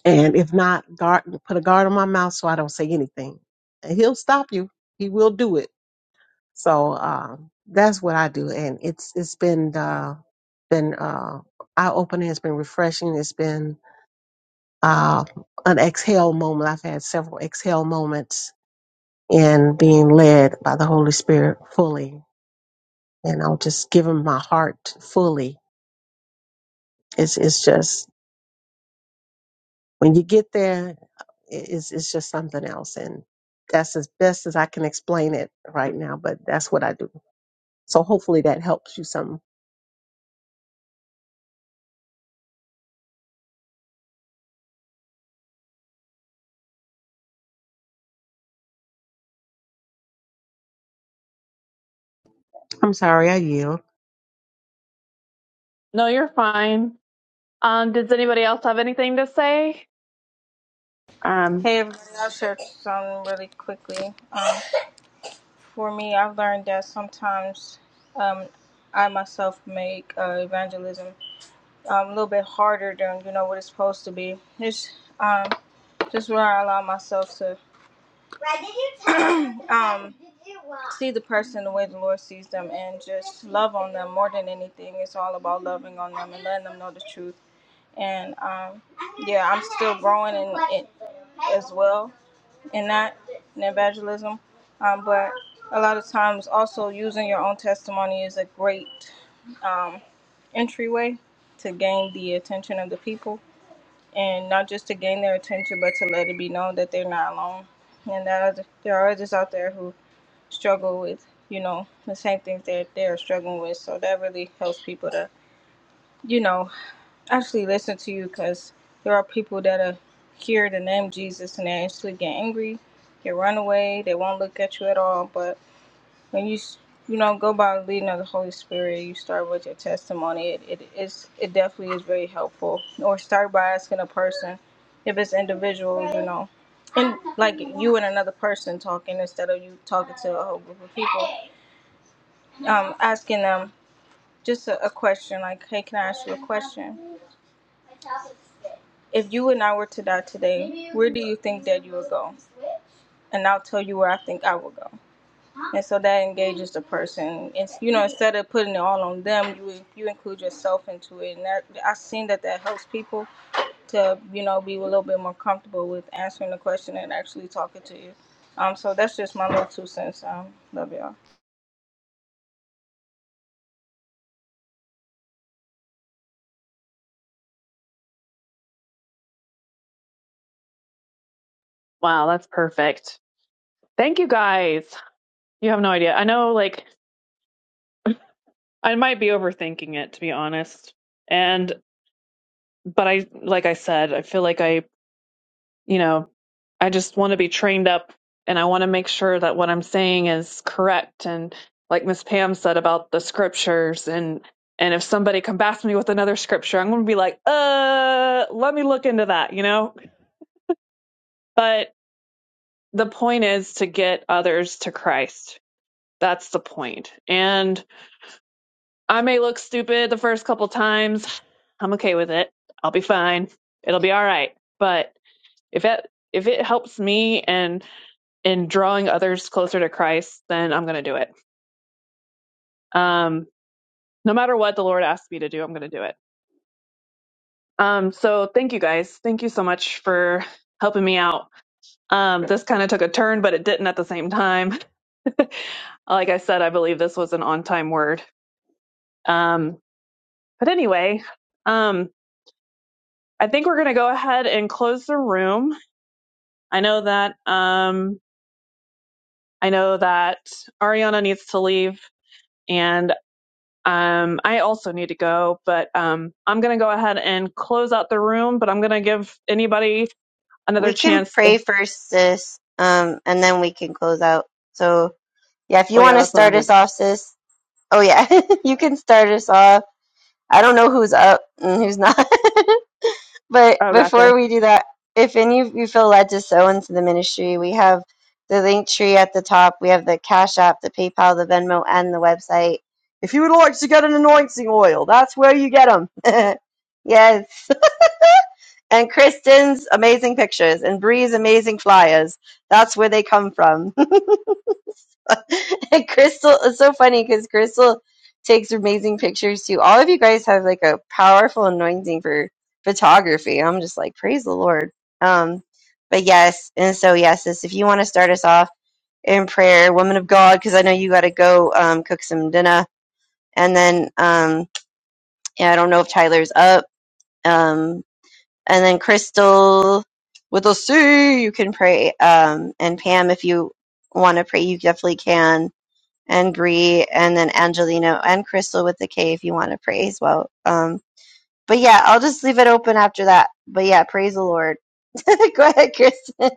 Speaker 3: and if not guard put a guard on my mouth so i don't say anything and he'll stop you he will do it so um, that's what i do and it's it's been uh been uh eye opening it's been refreshing it's been uh an exhale moment i've had several exhale moments and being led by the Holy Spirit fully. And I'll just give him my heart fully. It's it's just when you get there, it- it's it's just something else. And that's as best as I can explain it right now. But that's what I do. So hopefully that helps you some. I'm sorry, I yield.
Speaker 1: No, you're fine. Um, does anybody else have anything to say? Um,
Speaker 5: Hey everybody, I'll share some really quickly. Um, for me, I've learned that sometimes um, I myself make uh, evangelism um, a little bit harder than you know what it's supposed to be. It's um, just where I allow myself to <clears throat> um, see the person the way the Lord sees them and just love on them more than anything. It's all about loving on them and letting them know the truth. And um, yeah, I'm still growing in it as well and not in evangelism. Um, but a lot of times, also using your own testimony is a great um, entryway to gain the attention of the people, and not just to gain their attention, but to let it be known that they're not alone, and that other, there are others out there who struggle with, you know, the same things that they're struggling with. So that really helps people to, you know actually listen to you because there are people that are hear the name Jesus and they actually get angry, they run away, they won't look at you at all. But when you you know go by the leading of the Holy Spirit, you start with your testimony. It it is it definitely is very helpful. Or start by asking a person if it's individual, you know. And like you and another person talking instead of you talking to a whole group of people, um, asking them just a, a question like, "Hey, can I ask you a question?" If you and I were to die today, where do you think that you would go? And I'll tell you where I think I will go. And so that engages the person. It's you know, instead of putting it all on them, you you include yourself into it. And that I've seen that that helps people to you know be a little bit more comfortable with answering the question and actually talking to you. Um, so that's just my little two cents. Um, love y'all.
Speaker 1: wow, that's perfect. Thank you guys. You have no idea. I know like I might be overthinking it to be honest. And but I like I said, I feel like I you know, I just want to be trained up and I want to make sure that what I'm saying is correct. And like Miss Pam said about the scriptures and and if somebody combats me with another scripture, I'm going to be like, uh, let me look into that, you know? But the point is to get others to Christ. That's the point. And I may look stupid the first couple times. I'm okay with it. I'll be fine. It'll be all right. But if it if it helps me and in drawing others closer to Christ, then I'm going to do it. Um, no matter what the Lord asks me to do, I'm going to do it. Um, so thank you guys. Thank you so much for helping me out. Um, this kind of took a turn, but it didn't at the same time. <laughs> like I said, I believe this was an on time word. Um, but anyway, um, I think we're going to go ahead and close the room. I know that, um, I know that Ariana needs to leave and. Um, I also need to go, but um, I'm going to go ahead and close out the room. But I'm going to give anybody
Speaker 2: We
Speaker 1: another
Speaker 2: can
Speaker 1: chance. If,
Speaker 2: pray first, sis, um, and then we can close out. So, yeah, if you
Speaker 1: well, yeah,
Speaker 2: want to
Speaker 1: that's what I'm
Speaker 2: start us
Speaker 1: doing.
Speaker 2: off, sis. Oh, yeah, <laughs> you can start us off. I don't know who's up and who's not. <laughs> But
Speaker 1: Oh, gotcha.
Speaker 2: before we do that, if any of you feel led to sow into the ministry, we have the link tree at the top. We have the Cash App, the PayPal, the Venmo, and the website. If you would like to get an anointing oil, that's where you get them. <laughs> yes. <laughs> And Kristen's amazing pictures and Bree's amazing flyers. That's where they come from. <laughs> and Crystal, it's so funny because Crystal takes amazing pictures too. All of you guys have like a powerful anointing for photography. I'm just like, praise the Lord. Um, but yes, and so yes, sis, if you want to start us off in prayer, woman of God, because I know you got to go um, cook some dinner, and then um, yeah, I don't know if Tyler's up. Um, and then Crystal with a C, you can pray. Um, and Pam, if you want to pray, you definitely can. And Bree, and then Angelina, and Crystal with the K if you want to pray as well. Um, but yeah, I'll just leave it open after that. But yeah, praise the Lord. <laughs> Go ahead, Crystal.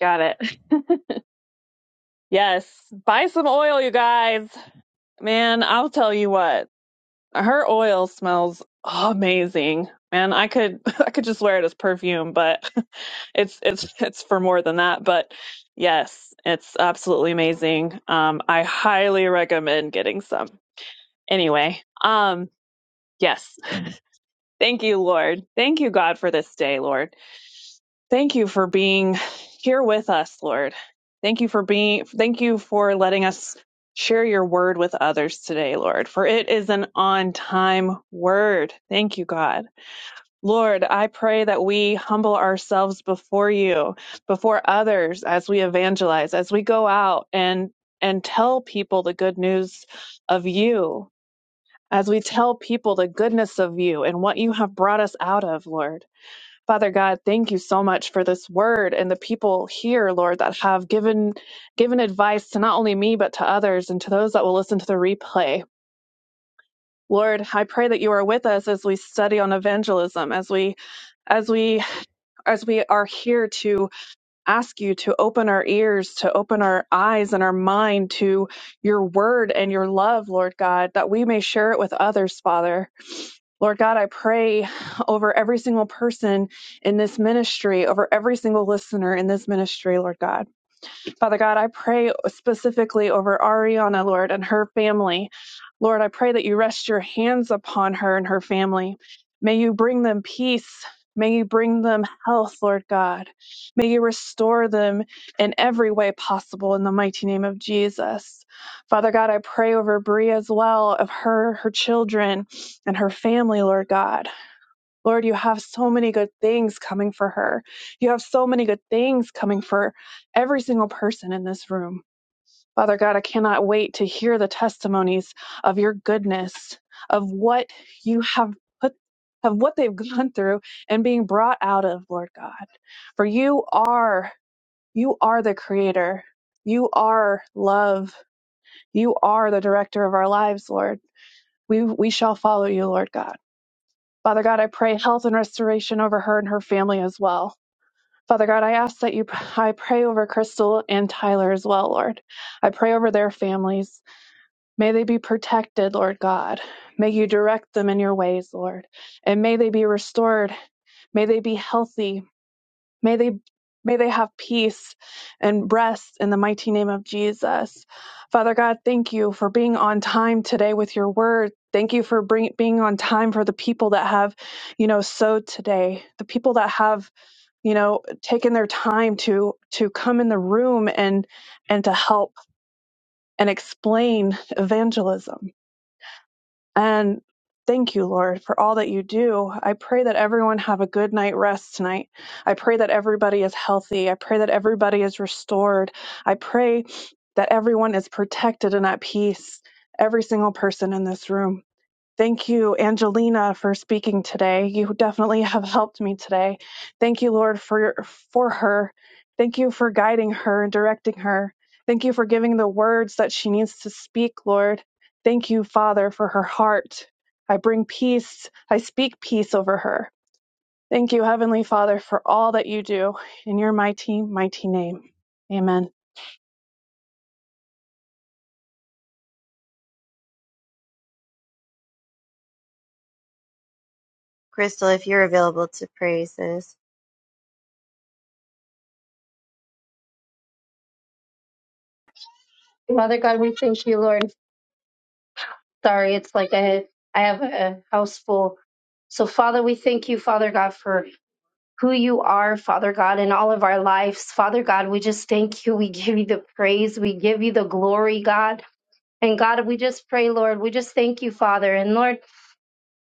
Speaker 1: Got it. <laughs> yes. Buy some oil, you guys. Man, I'll tell you what. Her oil smells amazing. Man, I could <laughs> I could just wear it as perfume, but <laughs> it's it's it's for more than that, but yes, it's absolutely amazing. Um I highly recommend getting some. Anyway, um, yes. Thank you, Lord. Thank you, God, for this day, Lord. Thank you for being here with us, Lord. Thank you for being, thank you for letting us share your word with others today, Lord, for it is an on time word. Thank you, God. Lord, I pray that we humble ourselves before you, before others as we evangelize, as we go out and and tell people the good news of you, as we tell people the goodness of you and what you have brought us out of, Lord. Father God, thank you so much for this word and the people here, Lord, that have given given advice to not only me but to others and to those that will listen to the replay. Lord, I pray that you are with us as we study on evangelism, as we as we as we are here to ask you to open our ears, to open our eyes and our mind to your word and your love, Lord God, that we may share it with others, Father. Lord God, I pray over every single person in this ministry, over every single listener in this ministry, Lord God. Father God, I pray specifically over Ariana, Lord, and her family. Lord, I pray that you rest your hands upon her and her family. May you bring them peace. May you bring them health, Lord God. May you restore them in every way possible in the mighty name of Jesus. Father God, I pray over Brie as well, of her, her children, and her family, Lord God. Lord, you have so many good things coming for her. You have so many good things coming for every single person in this room. Father God, I cannot wait to hear the testimonies of your goodness, of what you have put, of what they've <laughs> gone through and being brought out of, Lord God. For you are, you are the creator. You are love. You are the director of our lives, Lord. We, we shall follow you, Lord God. Father God, I pray health and restoration over her and her family as well. Father God, I ask that you, I pray over Crystal and Tyler as well, Lord. I pray over their families. May they be protected, Lord God. May you direct them in your ways, Lord. And may they be restored. May they be healthy. May they may they have peace and rest in the mighty name of Jesus. Father God, thank you for being on time today with your word. Thank you for bring, being on time for the people that have, you know, sowed today. The people that have, you know, taken their time to to come in the room and and to help and explain evangelism. And thank you, Lord, for all that you do. I pray that everyone have a good night rest tonight. I pray that everybody is healthy. I pray that everybody is restored. I pray that everyone is protected and at peace, every single person in this room. Thank you, Angelina, for speaking today. You definitely <laughs> have helped me today. Thank you, Lord, for for her. Thank you for guiding her and directing her. Thank you for giving the words that she needs to speak, Lord. Thank you, Father, for her heart. I bring peace. I speak peace over her. Thank you, Heavenly Father, for all that you do. In your mighty, mighty name. Amen.
Speaker 2: Crystal, if you're available to pray, sis.
Speaker 6: Father God, we thank you, Lord. Sorry, it's like I, I have a house full. So, Father, we thank you, Father God, for who you are, Father God, in all of our lives. Father God, we just thank you. We give you the praise. We give you the glory, God. And God, we just pray, Lord, we just thank you, Father. And Lord,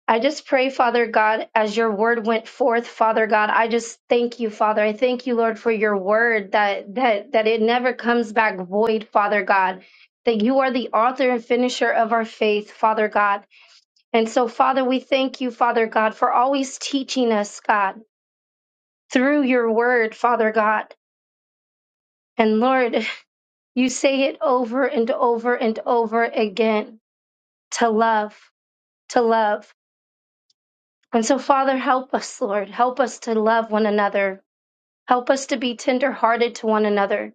Speaker 6: I just pray, Father God, as your word went forth, Father God, I just thank you, Father. I thank you, Lord, for your word that that that it never comes back void, Father God. That you are the author and finisher of our faith, Father God. And so, Father, we thank you, Father God, for always teaching us, God, through your word, Father God. And Lord, <laughs> you say it over and over and over again to love, to love. And so, Father, help us, Lord. Help us to love one another, Help us to be tenderhearted to one another.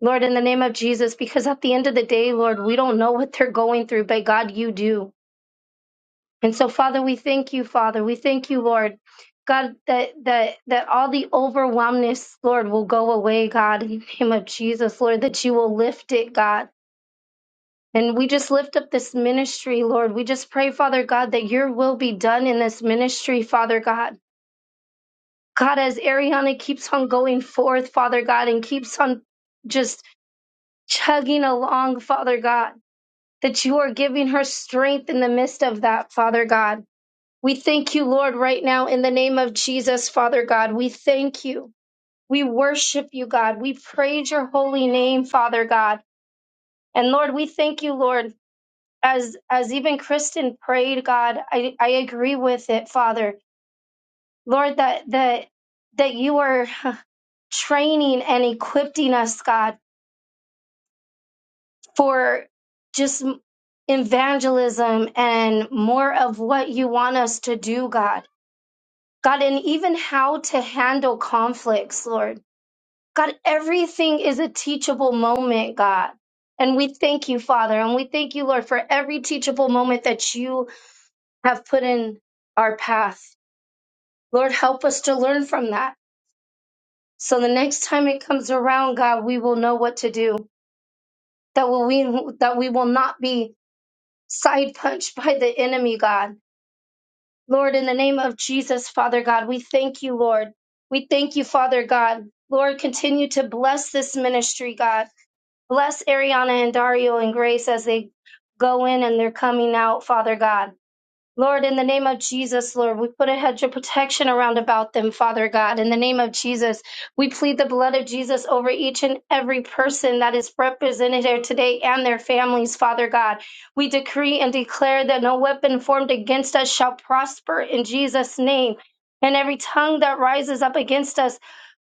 Speaker 6: Lord, in the name of Jesus, because at the end of the day, Lord, we don't know what they're going through, but God, you do. And so, Father, we thank you, Father. We thank you, Lord. God, that that that all the overwhelmness, Lord, will go away, God, in the name of Jesus, Lord, that you will lift it, God. And we just lift up this ministry, Lord. We just pray, Father God, that your will be done in this ministry, Father God. God, as Ariana keeps on going forth, Father God, and keeps on just chugging along, Father God, that you are giving her strength in the midst of that, Father God. We thank you, Lord, right now in the name of Jesus, Father God. We thank you. We worship you, God. We praise your holy name, Father God. And Lord, we thank you, Lord, as as even Kristen prayed, God, I, I agree with it, Father. Lord, that that that you are <laughs> training and equipping us, God for just evangelism and more of what you want us to do, God. God, and even how to handle conflicts, Lord. God, everything is a teachable moment, God. And we thank you, Father. And we thank you, Lord, for every teachable moment that you have put in our path. Lord, help us to learn from that. So the next time it comes around, God, we will know what to do. That will we that we will not be side punched <laughs> by the enemy, God Lord, in the name of Jesus, Father God, we thank you, Lord. We thank you, Father God. Lord, continue to bless this ministry, God. Bless Ariana and Dario and Grace as they go in and they're coming out, Father God. Lord, in the name of Jesus, Lord, we put a hedge of protection around about them, Father God. In the name of Jesus, we plead the blood of Jesus over each and every person that is represented here today and their families, Father God. We decree and declare that no weapon formed against us shall prosper in Jesus' name. And every tongue that rises up against us,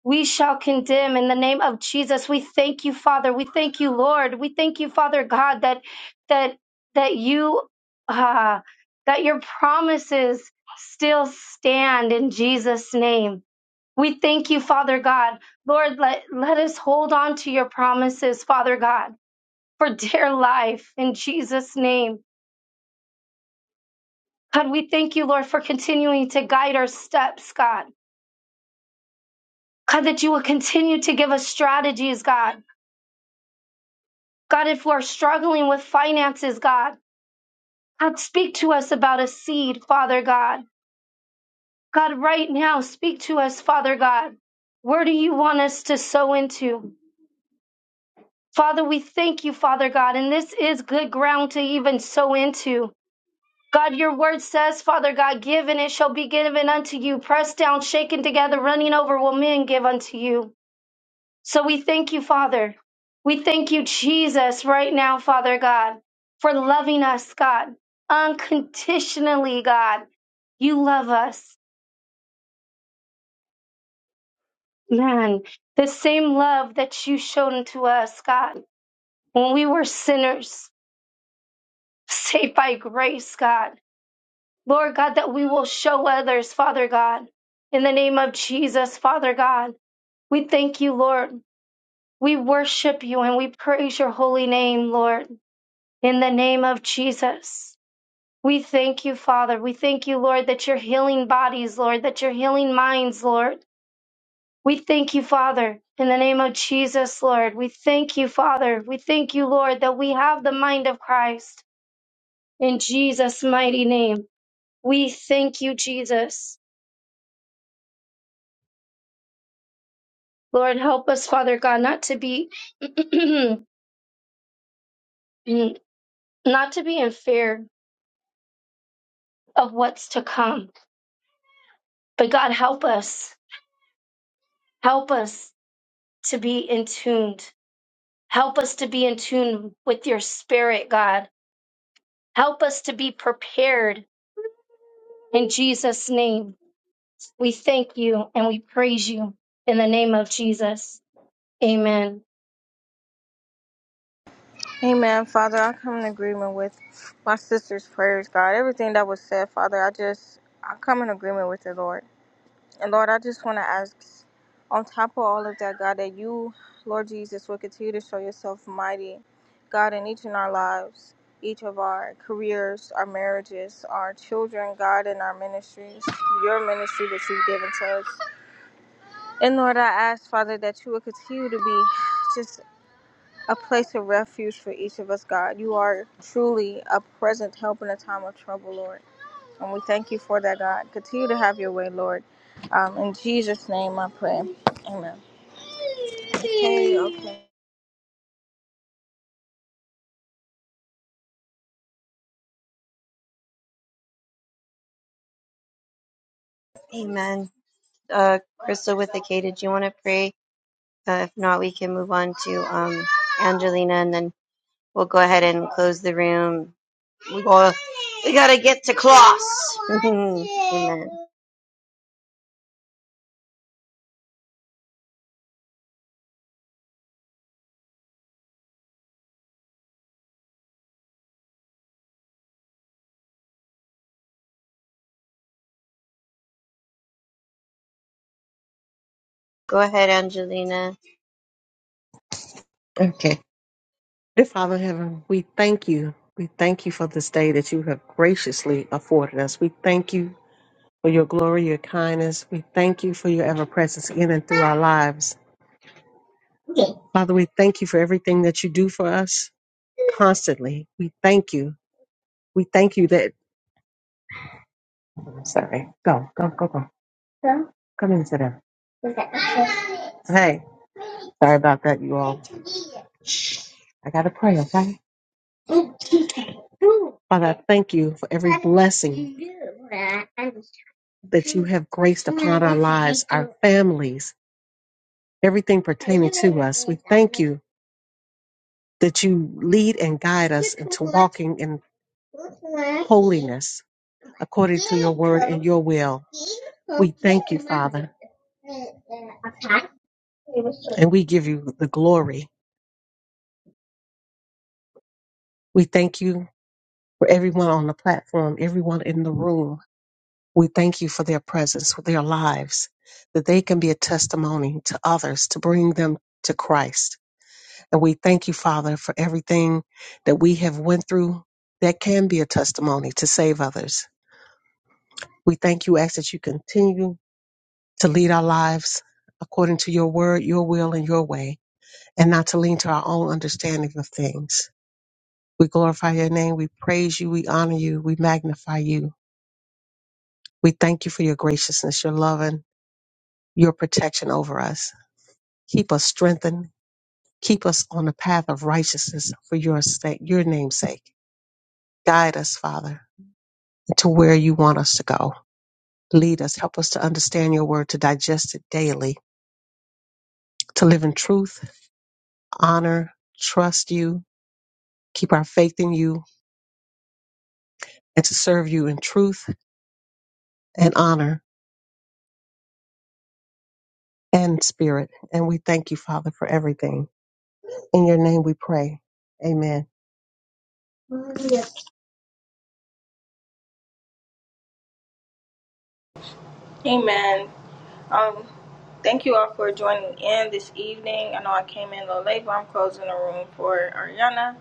Speaker 6: we shall condemn in the name of Jesus. We thank you, Father. We thank you, Lord. We thank you, Father God, that that that you uh, that your promises still stand in Jesus' name. We thank you, Father God. Lord, let, let us hold on to your promises, Father God, for dear life in Jesus' name. God, we thank you, Lord, for continuing to guide our steps, God. God, that you will continue to give us strategies, God God, if we're struggling with finances, God, God, speak to us about a seed, Father God. God, right now, speak to us, Father God. Where do you want us to sow into? Father, we thank you, Father God, and this is good ground to even sow into. God, your word says, Father God, give and it shall be given unto you, pressed down, shaken together, running over will men give unto you. So we thank you, Father. We thank you, Jesus, right now, Father God, for loving us, God, unconditionally, God. You love us, man. The same love that you showed unto us, God, when we were sinners, <laughs> saved by grace, God. Lord God, that we will show others, Father God. In the name of Jesus, Father God, we thank you, Lord. We worship you and we praise your holy name, Lord. In the name of Jesus. We thank you, Father. We thank you, Lord, that you're healing bodies, Lord, that you're healing minds, Lord. We thank you, Father, in the name of Jesus, Lord. We thank you, Father. We thank you, Lord, that we have the mind of Christ in Jesus' mighty name. We thank you, Jesus. Lord, help us, Father God, not to be <clears throat> not to be in fear of what's to come. But God help us. Help us to be in tuned Help us to be in tune with your spirit, God. Help us to be prepared in Jesus' name. We thank you and we praise you in the name of Jesus. Amen.
Speaker 5: Amen, Father. I come in agreement with my sister's prayers, God. Everything that was said, Father, I just, I come in agreement with it, Lord. And Lord, I just want to ask, on top of all of that, God, that you, Lord Jesus, will continue to show yourself mighty, God, in each in our lives, each of our careers, our marriages, our children, God, in our ministries, your ministry that you've given to us. And Lord, I ask, Father, that you will continue to be just a place of refuge for each of us, God. You are truly a present help in a time of trouble, Lord. And we thank you for that, God. Continue to have your way, Lord. Um, in Jesus' name I pray. Amen. Okay, okay.
Speaker 2: Amen. Uh, Crystal with the K, did you want to pray? Uh, if not, we can move on to um, Angelina and then We'll go ahead and close the room. We gotta, we gotta get to class. <laughs> Amen. Go ahead, Angelina.
Speaker 3: Okay. Dear Father in heaven, we thank you. We thank you for this day that you have graciously afforded us. We thank you for your glory, your kindness. We thank you for your ever presence in and through our lives. Father, we thank you for everything that you do for us constantly. We thank you. We thank you that. I'm Sorry. Go, go, go, go. Come in, sit down. Hey, sorry about that, you all. I got to pray, okay? Father, I thank you for every blessing that you have graced upon our lives, our families, everything pertaining to us. We thank you that you lead and guide us into walking in. holiness according to your word and your will. We thank you, Father, and we give you the glory. We thank you for everyone on the platform, everyone in the room. We thank you for their presence, for their lives, that they can be a testimony to others to bring them to Christ. And we thank you, Father, for everything that we have went through that can be a testimony to save others. We thank you, ask that you continue to lead our lives according to your word, your will, and your way, and not to lean to our own understanding of things. We glorify your name. We praise you. We honor you. We magnify you. We thank you for your graciousness, your love, and your protection over us. Keep us strengthened. Keep us on the path of righteousness for your sake, your name's sake. Guide us, Father, to where you want us to go. Lead us. Help us to understand your word, to digest it daily, to live in truth, honor, trust you, keep our faith in you and to serve you in truth and honor and spirit. And we thank you, Father, for everything. In your name we pray. Amen.
Speaker 5: Amen. Um, thank you all for joining in this evening. I know I came in a little late, but I'm closing the room for Ariana.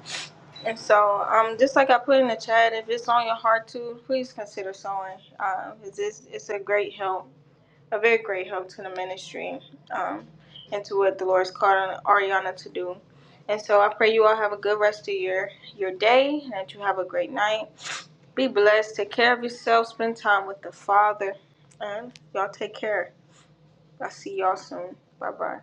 Speaker 5: And so, um, just like I put in the chat, if it's on your heart to, please consider sewing. Uh, it's, it's it's a great help. a very great help to the ministry um, and to what the Lord's called on Ariana to do. And so I pray you all have a good rest of your, your day and that you have a great night. Be blessed. Take care of yourself. Spend time with the Father. And y'all take care. I'll see y'all soon. Bye bye.